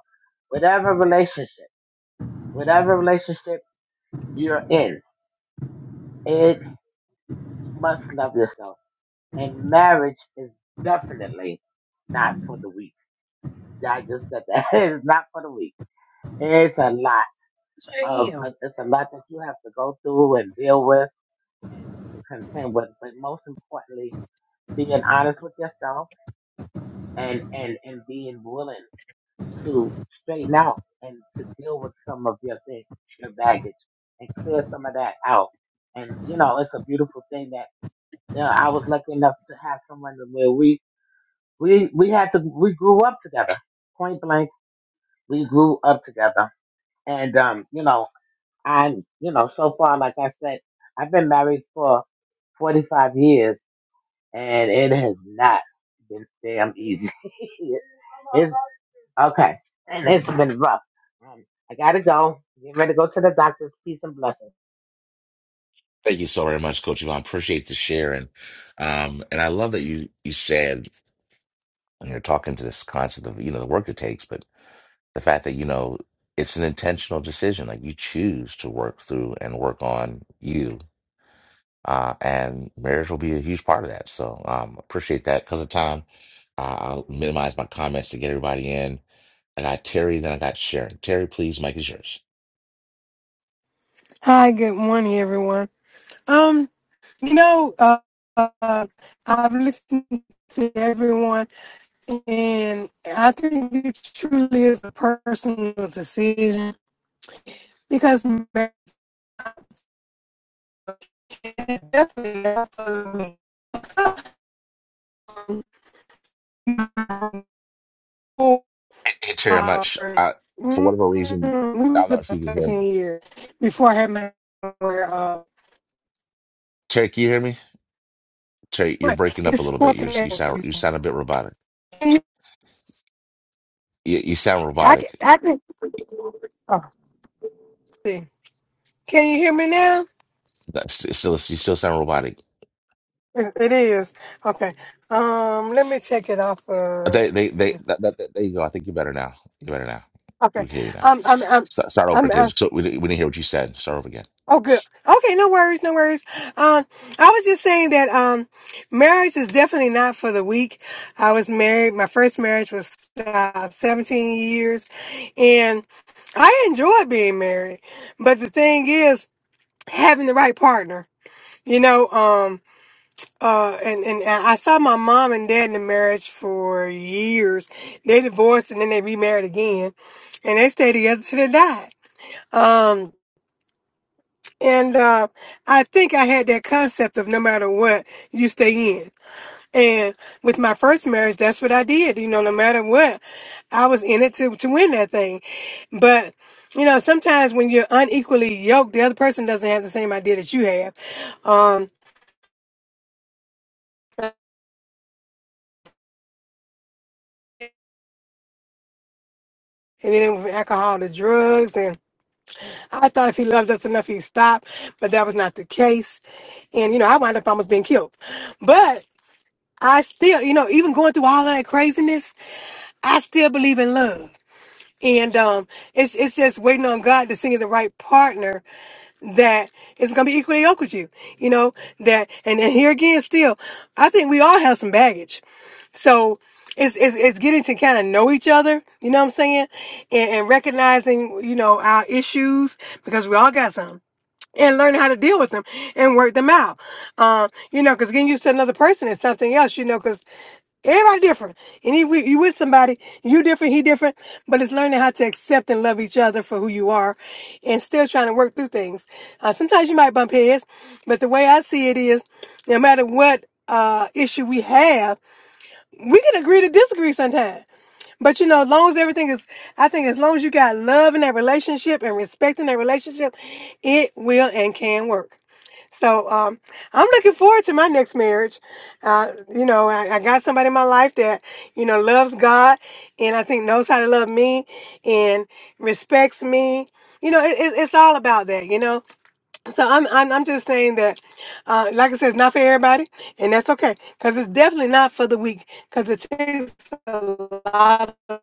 Speaker 10: whatever relationship, whatever relationship you're in, it, you must love yourself And marriage is definitely not for the weak. I just said that it's not for the weak. It's a lot of it's a lot that you have to go through and deal with and to contend with. But most importantly, being honest with yourself and and and being willing to straighten out and to deal with some of your things, your baggage, and clear some of that out. And you know, it's a beautiful thing that you know, I was lucky enough to have someone where we we we had to we grew up together point blank we grew up together and um you know i you know so far like i said i've been married for 45 years and it has not been damn easy it's okay and it's been rough um, i gotta go get ready to go to the doctor's peace and blessings
Speaker 2: Thank you so very much, Coach Yvonne. Appreciate the share and um and I love that you you said when you're talking to this concept of you know the work it takes, but the fact that you know it's an intentional decision. Like you choose to work through and work on you Uh, and marriage will be a huge part of that. So um, appreciate that. Because of time, uh, I'll minimize my comments to get everybody in. I got Terry, then I got Sharon. Terry, please, Mike is yours.
Speaker 11: Hi, good morning, everyone. Um, you know, uh, uh, I've listened to everyone, and I think it truly is a personal decision because marriage is definitely not for me.
Speaker 2: Hey, hey, Terry, I'm not
Speaker 11: Uh,
Speaker 2: sh-
Speaker 11: for
Speaker 2: I, for whatever reason.
Speaker 11: mm,
Speaker 2: I'm
Speaker 11: maybe
Speaker 2: not sure you
Speaker 11: about
Speaker 2: can hear me.
Speaker 11: 17 years before I had my uh,
Speaker 2: Terry, can you hear me? Terry, you're
Speaker 11: what
Speaker 2: breaking up a
Speaker 11: it's
Speaker 2: little
Speaker 11: four
Speaker 2: bit. You're, you
Speaker 11: connecting
Speaker 2: sound you
Speaker 11: season.
Speaker 2: sound a bit robotic.
Speaker 11: Can you,
Speaker 2: You, you sound
Speaker 11: I can,
Speaker 2: robotic.
Speaker 11: I can, oh, see. Can you hear me now?
Speaker 2: That's it's still you still sound robotic.
Speaker 11: It, it is okay. Um, let me check it off. Uh,
Speaker 2: They they they that, that, that- there you go. I think you're better now. You're better now.
Speaker 11: okay.
Speaker 2: We can hear you now.
Speaker 11: Um, I'm, I'm,
Speaker 2: Start, start over
Speaker 11: I'm,
Speaker 2: again.
Speaker 11: I'm.
Speaker 2: So we, didn't- we didn't hear what you said. Start over again.
Speaker 11: Oh, good. Okay, no worries, no worries. Um, I was just saying that um, marriage is definitely not for the weak. I was married. My first marriage was uh, 17 years, and I enjoyed being married. But the thing is, having the right partner. You know. Um, Uh, and, and I saw my mom and dad in the marriage for years. They divorced and then they remarried again, and they stayed together till they died. Um, and uh, I think I had that concept of no matter what, you stay in. And with my first marriage, that's what I did. You know, no matter what, I was in it to to win that thing. But you know, sometimes when you're unequally yoked, the other person doesn't have the same idea that you have. Um, and then with alcohol, the drugs, I thought if he loved us enough, he'd stop, but that was not the case. And, you know, I wound up almost being killed. But I still, you know, even going through all of that craziness, I still believe in love. And um, it's it's just waiting on God to send you the right partner that is going to be equally yoked with you, you know. That and, and here again, still, I think we all have some baggage. So it's it's, it's getting to kind of know each other, you know what I'm saying, and, and recognizing you know our issues because we all got some and learn how to deal with them and work them out. Um, you know, because getting used to another person is something else, you know, because everybody different. And you, you with somebody, you different, he different, but it's learning how to accept and love each other for who you are and still trying to work through things. Uh, sometimes you might bump heads, but the way I see it is no matter what uh, issue we have, we can agree to disagree sometimes but you know, as long as everything is, I think as long as you got love in that relationship and respect in that relationship, it will and can work. So um, I'm looking forward to my next marriage. Uh, you know, I, I got somebody in my life that you know loves God, and I think knows how to love me and respects me. You know, it, it, it's all about that. You know, so I'm I'm I'm just saying that, uh, like I said, it's not for everybody, and that's okay, because it's definitely not for the weak, because it takes a lot of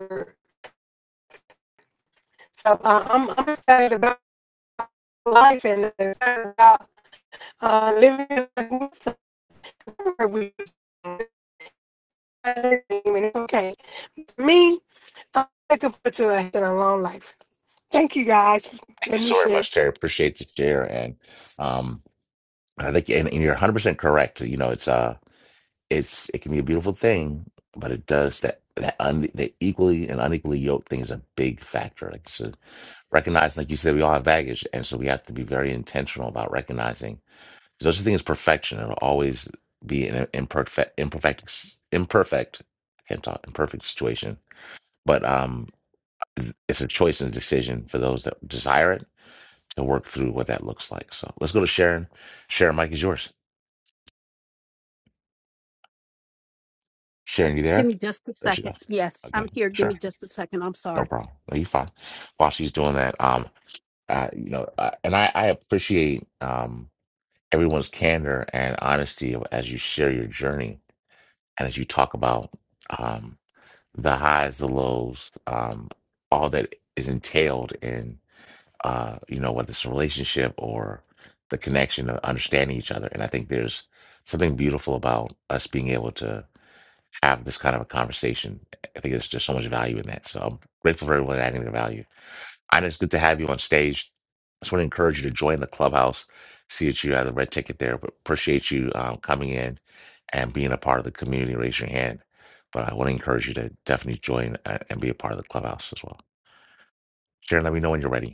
Speaker 11: work. So uh, I'm I'm excited about life and excited about uh, living somewhere we and it's okay. Me, I'm looking forward to a, to a long life. Thank you guys.
Speaker 2: Thank you
Speaker 11: Let me
Speaker 2: so very
Speaker 11: share.
Speaker 2: much, Terry. Appreciate the share, and um, I think and, and you're 100 percent correct. You know, it's uh, it's it can be a beautiful thing, but it does that that un, the equally and unequally yoked thing is a big factor. Like so recognizing, like you said, we all have baggage, and so we have to be very intentional about recognizing there's such a thing as perfection. It'll always be an imperfect, imperfect, imperfect. I can't talk imperfect situation, but um, it's a choice and a decision for those that desire it and work through what that looks like. So let's go to Sharon. Sharon, Mike is yours. Sharon, you
Speaker 5: Give
Speaker 2: there?
Speaker 5: me just a
Speaker 2: There she
Speaker 5: second.
Speaker 2: goes.
Speaker 5: Yes,
Speaker 2: Okay,
Speaker 5: I'm here. Give
Speaker 2: sure,
Speaker 5: me just a second. I'm sorry.
Speaker 2: no problem. No, you fine. While she's doing that, um, uh, you know, uh, and I, I appreciate um everyone's candor and honesty as you share your journey and as you talk about um the highs, the lows, um, all that is entailed in. uh, you know, whether it's a relationship or the connection of understanding each other. And I think there's something beautiful about us being able to have this kind of a conversation. I think there's just so much value in that. So I'm grateful for everyone adding their value. Ina, it's good to have you on stage. I just want to encourage you to join the clubhouse. See that you have the red ticket there, but appreciate you um, coming in and being a part of the community. Raise your hand. But I want to encourage you to definitely join uh, and be a part of the clubhouse as well. Sharon, let me know when you're ready.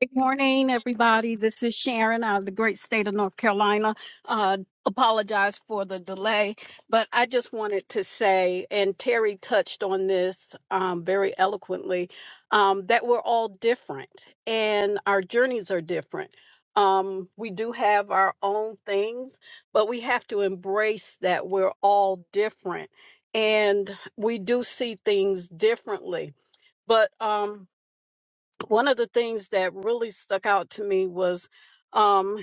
Speaker 5: Good morning, everybody. This is Sharon out of the great state of North Carolina. Uh, apologize for the delay, but I just wanted to say, and Terry touched on this um, very eloquently, um, that we're all different and our journeys are different. Um, we do have our own things, but we have to embrace that we're all different and we do see things differently. But um, one of the things that really stuck out to me was um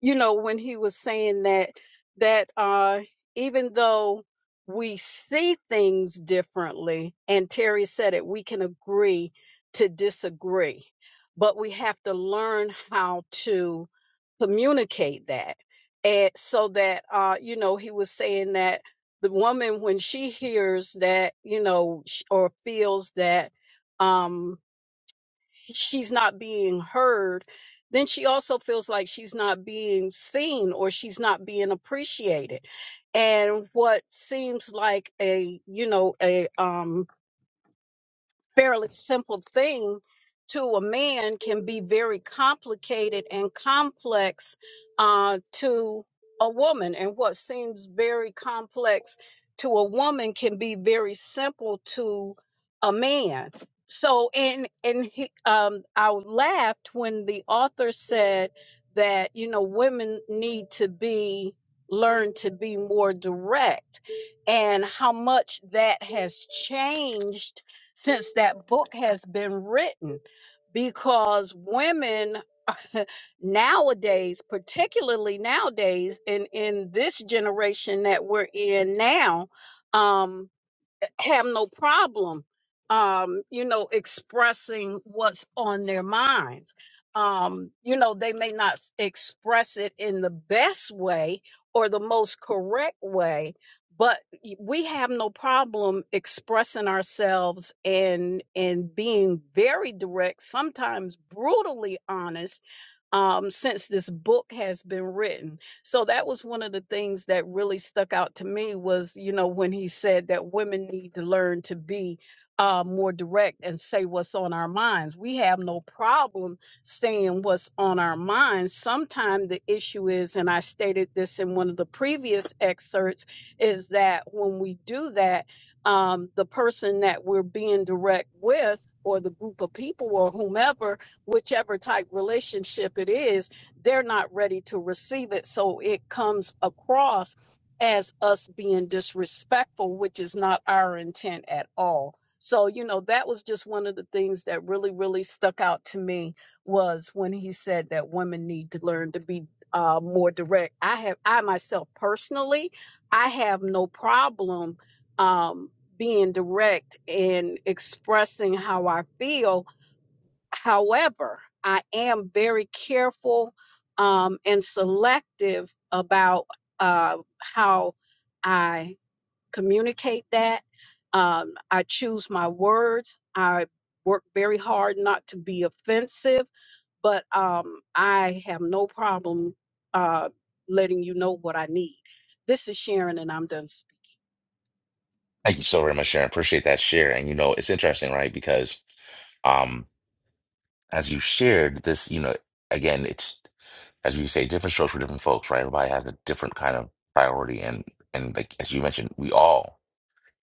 Speaker 5: you know when he was saying that that uh even though we see things differently and Terry said it we can agree to disagree but we have to learn how to communicate that and so that uh you know he was saying that the woman when she hears that you know sh- or feels that um she's not being heard, then she also feels like she's not being seen or she's not being appreciated. And what seems like a, you know, a um fairly simple thing to a man can be very complicated and complex uh, to a woman. And what seems very complex to a woman can be very simple to a man. So, and and he, um, I laughed when the author said that you know women need to be learn to be more direct, and how much that has changed since that book has been written because women nowadays particularly nowadays in in this generation that we're in now um have no problem um you know expressing what's on their minds um you know they may not s- express it in the best way or the most correct way but y- we have no problem expressing ourselves and and being very direct sometimes brutally honest um since this book has been written so that was one of the things that really stuck out to me was you know when he said that women need to learn to be uh, more direct and say what's on our minds we have no problem saying what's on our minds sometimes the issue is and i stated this in one of the previous excerpts is that when we do that um, the person that we're being direct with or the group of people or whomever whichever type relationship it is they're not ready to receive it. So it comes across as us being disrespectful, which is not our intent at all. So, you know, that was just one of the things that really, really stuck out to me was when he said that women need to learn to be uh, more direct. I have, I myself personally, I have no problem um, being direct and expressing how I feel However, I am very careful um, and selective about uh, how I communicate that. Um, I choose my words. I work very hard not to be offensive, but um, I have no problem uh, letting you know what I need. This is Sharon, and I'm done
Speaker 2: Thank you so very much, Sharon. Appreciate that share. And you know, it's interesting, right? Because um, as you shared this, you know, again, it's as you say, different strokes for different folks, right? Everybody has a different kind of priority, and and like as you mentioned, we all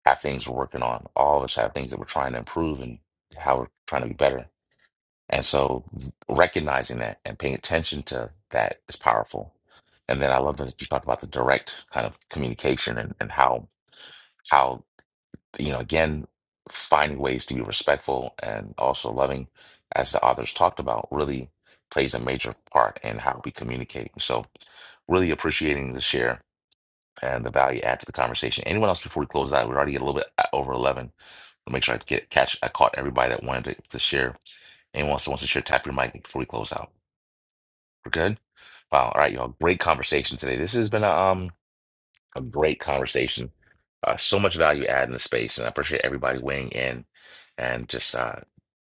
Speaker 2: have things we're working on. All of us have things that we're trying to improve and how we're trying to be better. And so, recognizing that and paying attention to that is powerful. And then I love that you talked about the direct kind of communication and, and how how you know, again, finding ways to be respectful and also loving, as the authors talked about, really plays a major part in how we communicate. So, really appreciating the share and the value add to the conversation. Anyone else before we close out? We're already a little bit uh, over 11. I'll make sure I get catch. I caught everybody that wanted to, to share. Anyone else that wants to share, tap your mic before we close out. We're good. Wow. All right, y'all. Great conversation today. This has been a um a great conversation. Uh, so much value add in the space, and I appreciate everybody weighing in and just uh,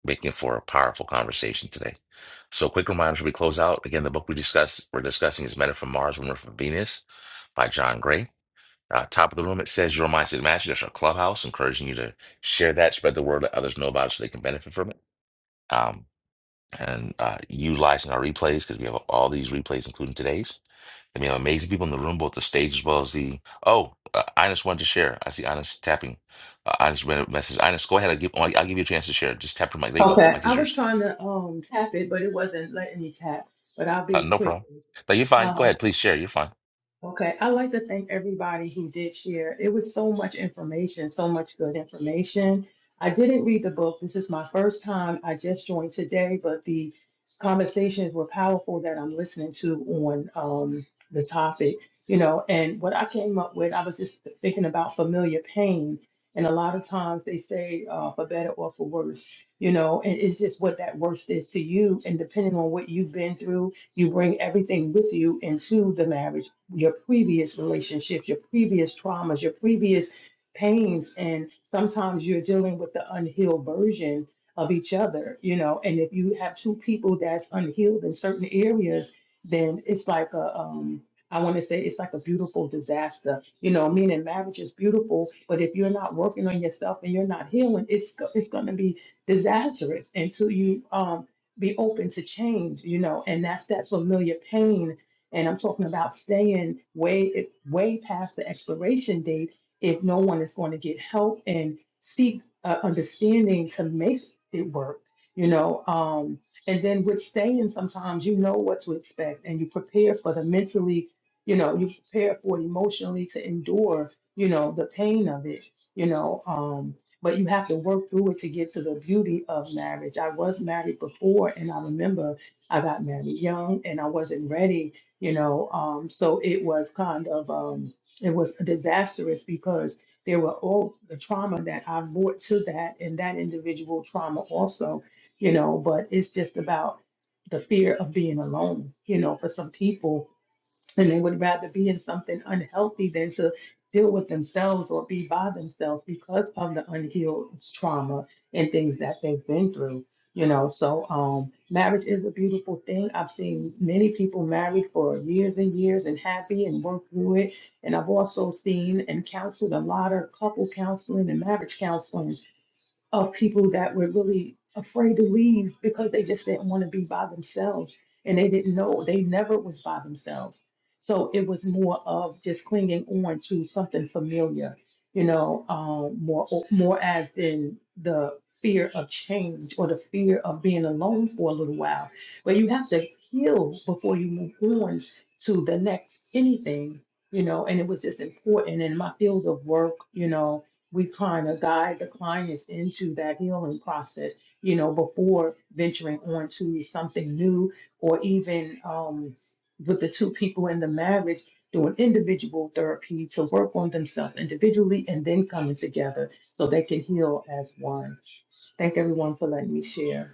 Speaker 2: making for a powerful conversation today. So, quick reminder as we close out again, the book we discuss we're discussing is Men Are from Mars, Women Are from Venus by John Gray. Uh, top of the room, it says your mindset match. There's a clubhouse encouraging you to share that, spread the word, let others know about it so they can benefit from it. Um, and uh, utilizing our replays because we have all these replays, including today's. I mean, amazing people in the room, both the stage as well as the. Oh, uh, Ines wanted to share. I see Ines tapping. Uh, Ines read a message. Ines, go ahead. I'll give, I'll give you a chance to share. Just tap your mic. There you go.
Speaker 12: Okay,
Speaker 2: Mic
Speaker 12: I
Speaker 2: is
Speaker 12: was
Speaker 2: yours.
Speaker 12: trying to um tap it, but it wasn't letting me tap. But I'll
Speaker 2: Uh,
Speaker 12: be
Speaker 2: no
Speaker 12: quick.
Speaker 2: problem. No, you're fine.
Speaker 12: Uh,
Speaker 2: Go ahead. Please share. You're fine.
Speaker 12: Okay, I'd like to thank everybody who did share. It was so much information, so much good information. I didn't read the book. This is my first time. I just joined today, but the conversations were powerful that I'm listening to on um, the topic, you know, and what I came up with, I was just thinking about familiar pain. And a lot of times they say uh, for better or for worse, you know, and it's just what that worst is to you. And depending on what you've been through, you bring everything with you into the marriage your previous relationships, your previous traumas, your previous pains. And sometimes you're dealing with the unhealed version of each other, you know. And if you have two people that's unhealed in certain areas, then it's like a, um, I want to say it's like a beautiful disaster, you know. Meaning marriage is beautiful, but if you're not working on yourself and you're not healing, it's go- it's going to be disastrous until you um, be open to change, you know. And that's that familiar pain and I'm talking about staying way way past the expiration date if no one is going to get help and seek uh, understanding to make it work. You know, um, and then with staying, sometimes you know what to expect and you prepare for the mentally, you know, you prepare for it emotionally to endure, you know, the pain of it, you know. Um, but you have to work through it to get to the beauty of marriage. I was married before, and I remember I got married young and I wasn't ready you know. Um, so it was kind of um, it was disastrous because there were all the trauma that I brought to that and that individual trauma also, you know. But it's just about the fear of being alone, you know, for some people and they would rather be in something unhealthy than to deal with themselves or be by themselves because of the unhealed trauma and things that they've been through you know so um marriage is a beautiful thing i've seen many people married for years and years and happy and work through it and i've also seen and counseled a lot of couple counseling and marriage counseling of people that were really afraid to leave because they just didn't want to be by themselves and they didn't know they never was by themselves so it was more of just clinging on to something familiar you know um, more more as in the fear of change or the fear of being alone for a little while but you have to heal before you move on to the next anything you know and it was just important in my field of work you know we kind of guide the clients into that healing process, you know, before venturing on to something new or even um, with the two people in the marriage doing individual therapy to work on themselves individually and then coming together so they can heal as one. Thank everyone for letting me share.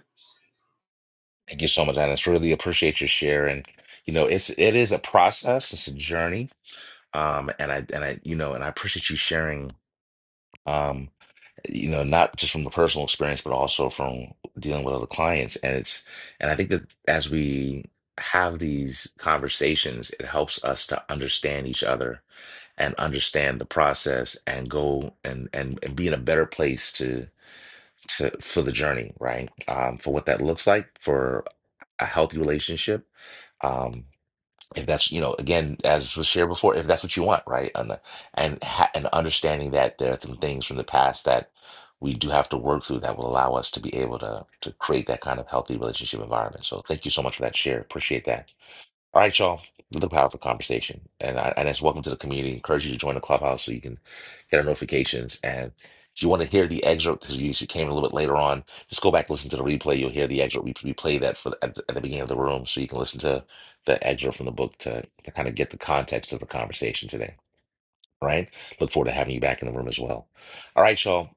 Speaker 2: Thank you so much, Ines. Really appreciate your share. And, you know, it's, it is a process, it's a journey. Um, and I, and I, you know, and I appreciate you sharing. Um. you know, not just from the personal experience, but also from dealing with other clients. And it's, and I think that as we have these conversations, it helps us to understand each other and understand the process and go and and, and be in a better place to to for the journey, right? Um, for what that looks like for a healthy relationship. Um, if that's you know again as was shared before if that's what you want right and and ha- and understanding that there are some things from the past that we do have to work through that will allow us to be able to to create that kind of healthy relationship environment so thank you so much for that share appreciate that all right, y'all. Another powerful conversation, and I, and it's welcome to the community. Encourage you to join the clubhouse so you can get our notifications. And if you want to hear the excerpt because you you came a little bit later on, just go back and listen to the replay. You'll hear the excerpt. We, we play that for the, at, the, at the beginning of the room, so you can listen to the excerpt from the book to, to kind of get the context of the conversation today. All Right? Look forward to having you back in the room as well. All right, y'all.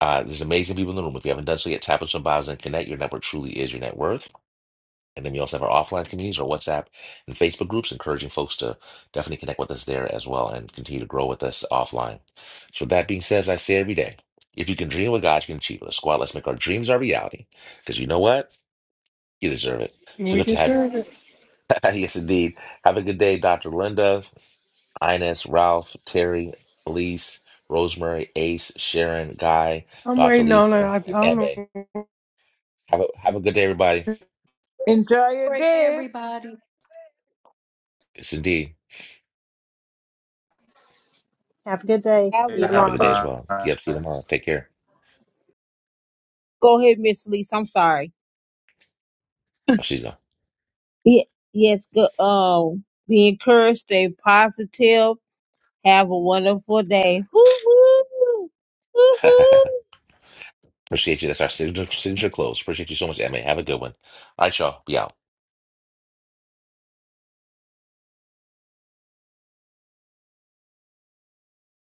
Speaker 2: Uh, there's amazing people in the room. If you haven't done so yet, tap on some bios and connect. Your network truly is your net worth. And then we also have our offline communities, our WhatsApp and Facebook groups, encouraging folks to definitely connect with us there as well and continue to grow with us offline. So, with that being said, as I say every day, if you can dream what God, you can achieve it. Let's go out, let's make our dreams our reality. Because you know what? You deserve it. So
Speaker 11: We
Speaker 2: good to have
Speaker 11: deserve it.
Speaker 2: yes, indeed. Have a good day, Dr. Linda, Ines, Ralph, Terry, Elise, Rosemary, Ace, Sharon, Guy,
Speaker 11: I'm
Speaker 2: Dr.
Speaker 11: waiting on it.
Speaker 2: Lisa,
Speaker 11: I, I
Speaker 2: and
Speaker 11: don't know.
Speaker 2: Emma. Have a, have a good day, everybody.
Speaker 7: Enjoy your day.
Speaker 2: Yes, indeed.
Speaker 3: have a good day
Speaker 1: Have
Speaker 3: see
Speaker 13: I
Speaker 1: a
Speaker 3: you
Speaker 2: Have a
Speaker 13: have
Speaker 3: tomorrow
Speaker 2: good day
Speaker 1: wonderful-
Speaker 2: as well. Yep, see you
Speaker 13: five.
Speaker 2: tomorrow. Take care.
Speaker 1: Go ahead, Miss Lisa. I'm sorry.
Speaker 2: Oh, she's gone.
Speaker 1: Ye- Yes, good. Um, be encouraged, stay positive. Have a wonderful day. Hoo hoo. Hoo hoo.
Speaker 2: Appreciate you. That's our signature, signature close. Appreciate you so much, Emma. Have a good one. All right, y'all. Be out.